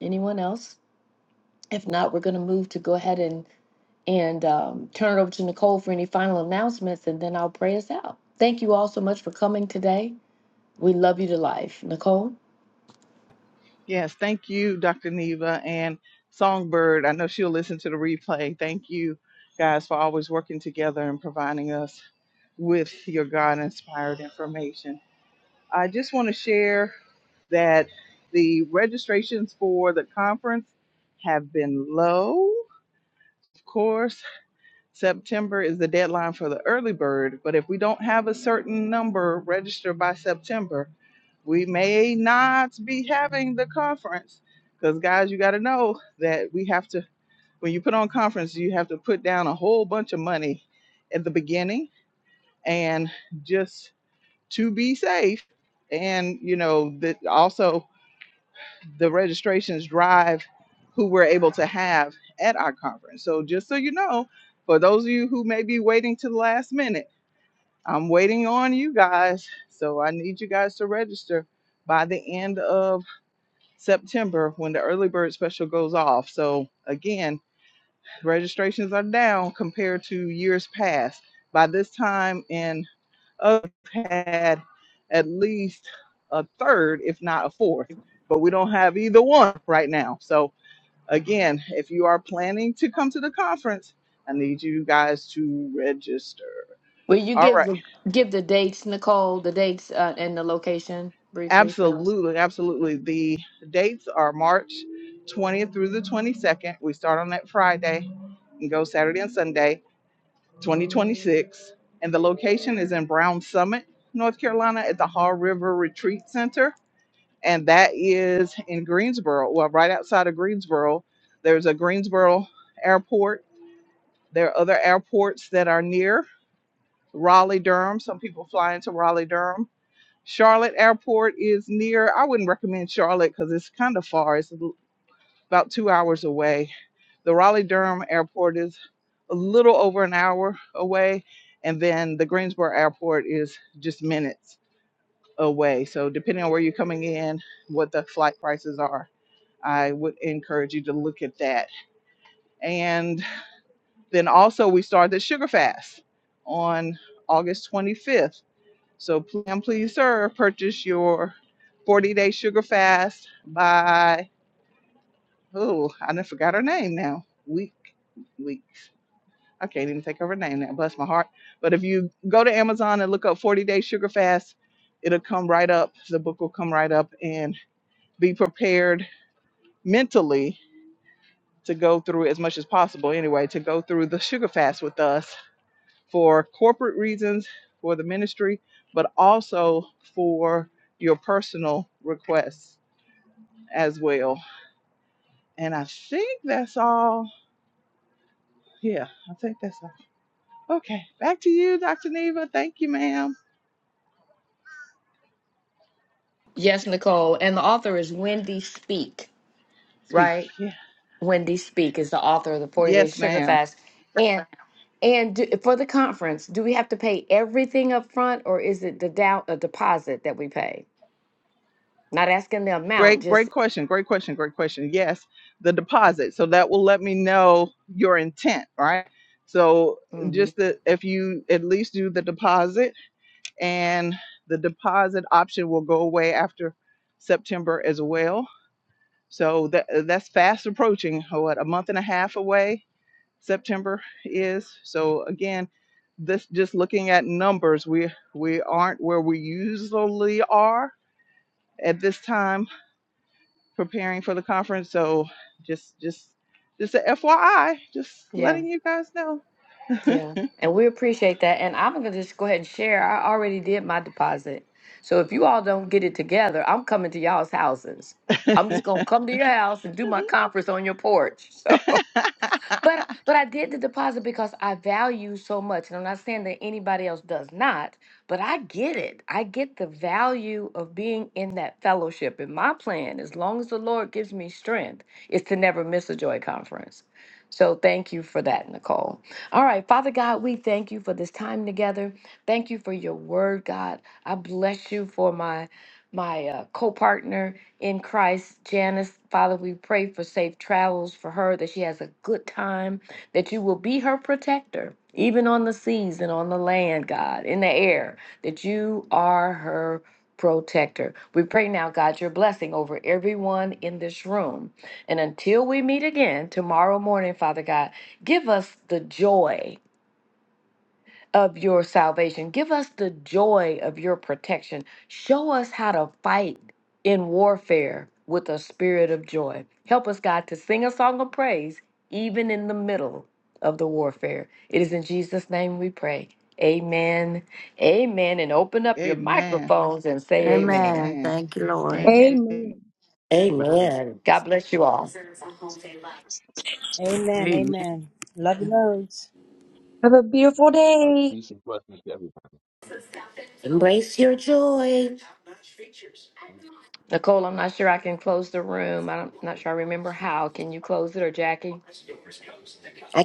S2: Anyone else? If not, we're going to move to go ahead and and um, turn it over to Nicole for any final announcements, and then I'll pray us out. Thank you all so much for coming today. We love you to life, Nicole.
S1: Yes, thank you, Dr. Neva and Songbird. I know she'll listen to the replay. Thank you guys for always working together and providing us with your God inspired information. I just want to share that the registrations for the conference have been low. Of course, September is the deadline for the early bird, but if we don't have a certain number registered by September, we may not be having the conference. Because, guys, you got to know that we have to, when you put on conference, you have to put down a whole bunch of money at the beginning and just to be safe. And, you know, that also the registrations drive who we're able to have at our conference. So just so you know, for those of you who may be waiting to the last minute, I'm waiting on you guys. So I need you guys to register by the end of September when the early bird special goes off. So again, registrations are down compared to years past. By this time in I've had at least a third, if not a fourth, but we don't have either one right now. So Again, if you are planning to come to the conference, I need you guys to register.
S2: Will you
S1: All
S2: give
S1: right.
S2: the give the dates, Nicole, the dates uh, and the location briefly for us?
S1: Absolutely. Absolutely. The dates are March 20th through the 22nd. We start on that Friday and go Saturday and Sunday, 2026. And the location is in Brown Summit, North Carolina at the Hall River Retreat Center. And that is in Greensboro. Well, right outside of Greensboro, there's a Greensboro airport. There are other airports that are near. Raleigh, Durham. Some people fly into Raleigh, Durham. Charlotte Airport is near. I wouldn't recommend Charlotte because it's kind of far. It's about two hours away. The Raleigh Durham Airport is a little over an hour away. And then the Greensboro Airport is just minutes away. So, depending on where you're coming in, what the flight prices are, I would encourage you to look at that. And then also, we started the Sugar Fast on August 25th So pl- please, sir, purchase your 40 day sugar fast by, oh, I done forgot her name now. Week, weeks. I can't even think of her name now. Bless my heart. But if you go to Amazon and look up 40 day sugar fast, it'll come right up. The book will come right up and be prepared mentally to go through as much as possible anyway, to go through the sugar fast with us for corporate reasons for the ministry, but also for your personal requests as well. And I think that's all. Yeah, I think that's all. Okay, back to you, Dr. Neva. Thank you, ma'am.
S2: Yes, Nicole. And the author is Wendy Speak,
S1: Speak.
S2: right?
S1: Yeah.
S2: Wendy Speak is the author of the Forty Day
S1: Yes,
S2: Sugar
S1: ma'am.
S2: Fast. And and do, for the conference, do we have to pay everything up front, or is it the down a deposit that we pay? Not asking the amount,
S1: Great,
S2: just
S1: great question. Great question. Great question. Yes, the deposit. So that will let me know your intent, right? So
S2: mhm.
S1: just that if you at least do the deposit and the deposit option will go away after September as well. So that that's fast approaching, what, a month and a half away, September is. So again, this just looking at numbers, we we aren't where we usually are at this time preparing for the conference. So just just just a FYI, just
S2: yeah.
S1: letting you guys know.
S2: Yeah, and we appreciate that. And I'm gonna just go ahead and share. I already did my deposit. So if you all don't get it together, I'm coming to y'all's houses. I'm just gonna come to your house and do my conference on your porch. *laughs*
S1: *laughs*
S2: So but but I did the deposit because I value so much. And I'm not saying that anybody else does not, but I get it. I get the value of being in that fellowship. And my plan, as long as the Lord gives me strength, is to never miss a joy conference. So thank you for that, Nicole. All right, Father God, we thank you for this time together. Thank you for your word, God. I bless you for my my uh, co-partner in Christ. Janice, Father, we pray for safe travels for her, that she has a good time, that you will be her protector, even on the seas and on the land, God, in the air, that you are her protector. We pray now, God, your blessing over everyone in this room. And until we meet again tomorrow morning, Father God, give us the joy of your salvation. Give us the joy of your protection. Show us how to fight in warfare with a spirit of joy. Help us, God, to sing a song of praise even in the middle of the warfare. It is in Jesus' name we pray. Amen. Amen. And open up your
S1: Amen.
S2: microphones and say amen.
S10: Amen.
S1: Amen.
S10: Thank you, Lord.
S2: Amen.
S1: Amen.
S9: Amen.
S8: Amen.
S2: God bless you all.
S6: Amen.
S7: Amen.
S6: Amen. Love you, loads.
S9: Have a beautiful day.
S8: Embrace your joy.
S2: Nicole, I'm not sure I can close the room. I'm not sure I remember how. Can you close it or Jackie?
S8: I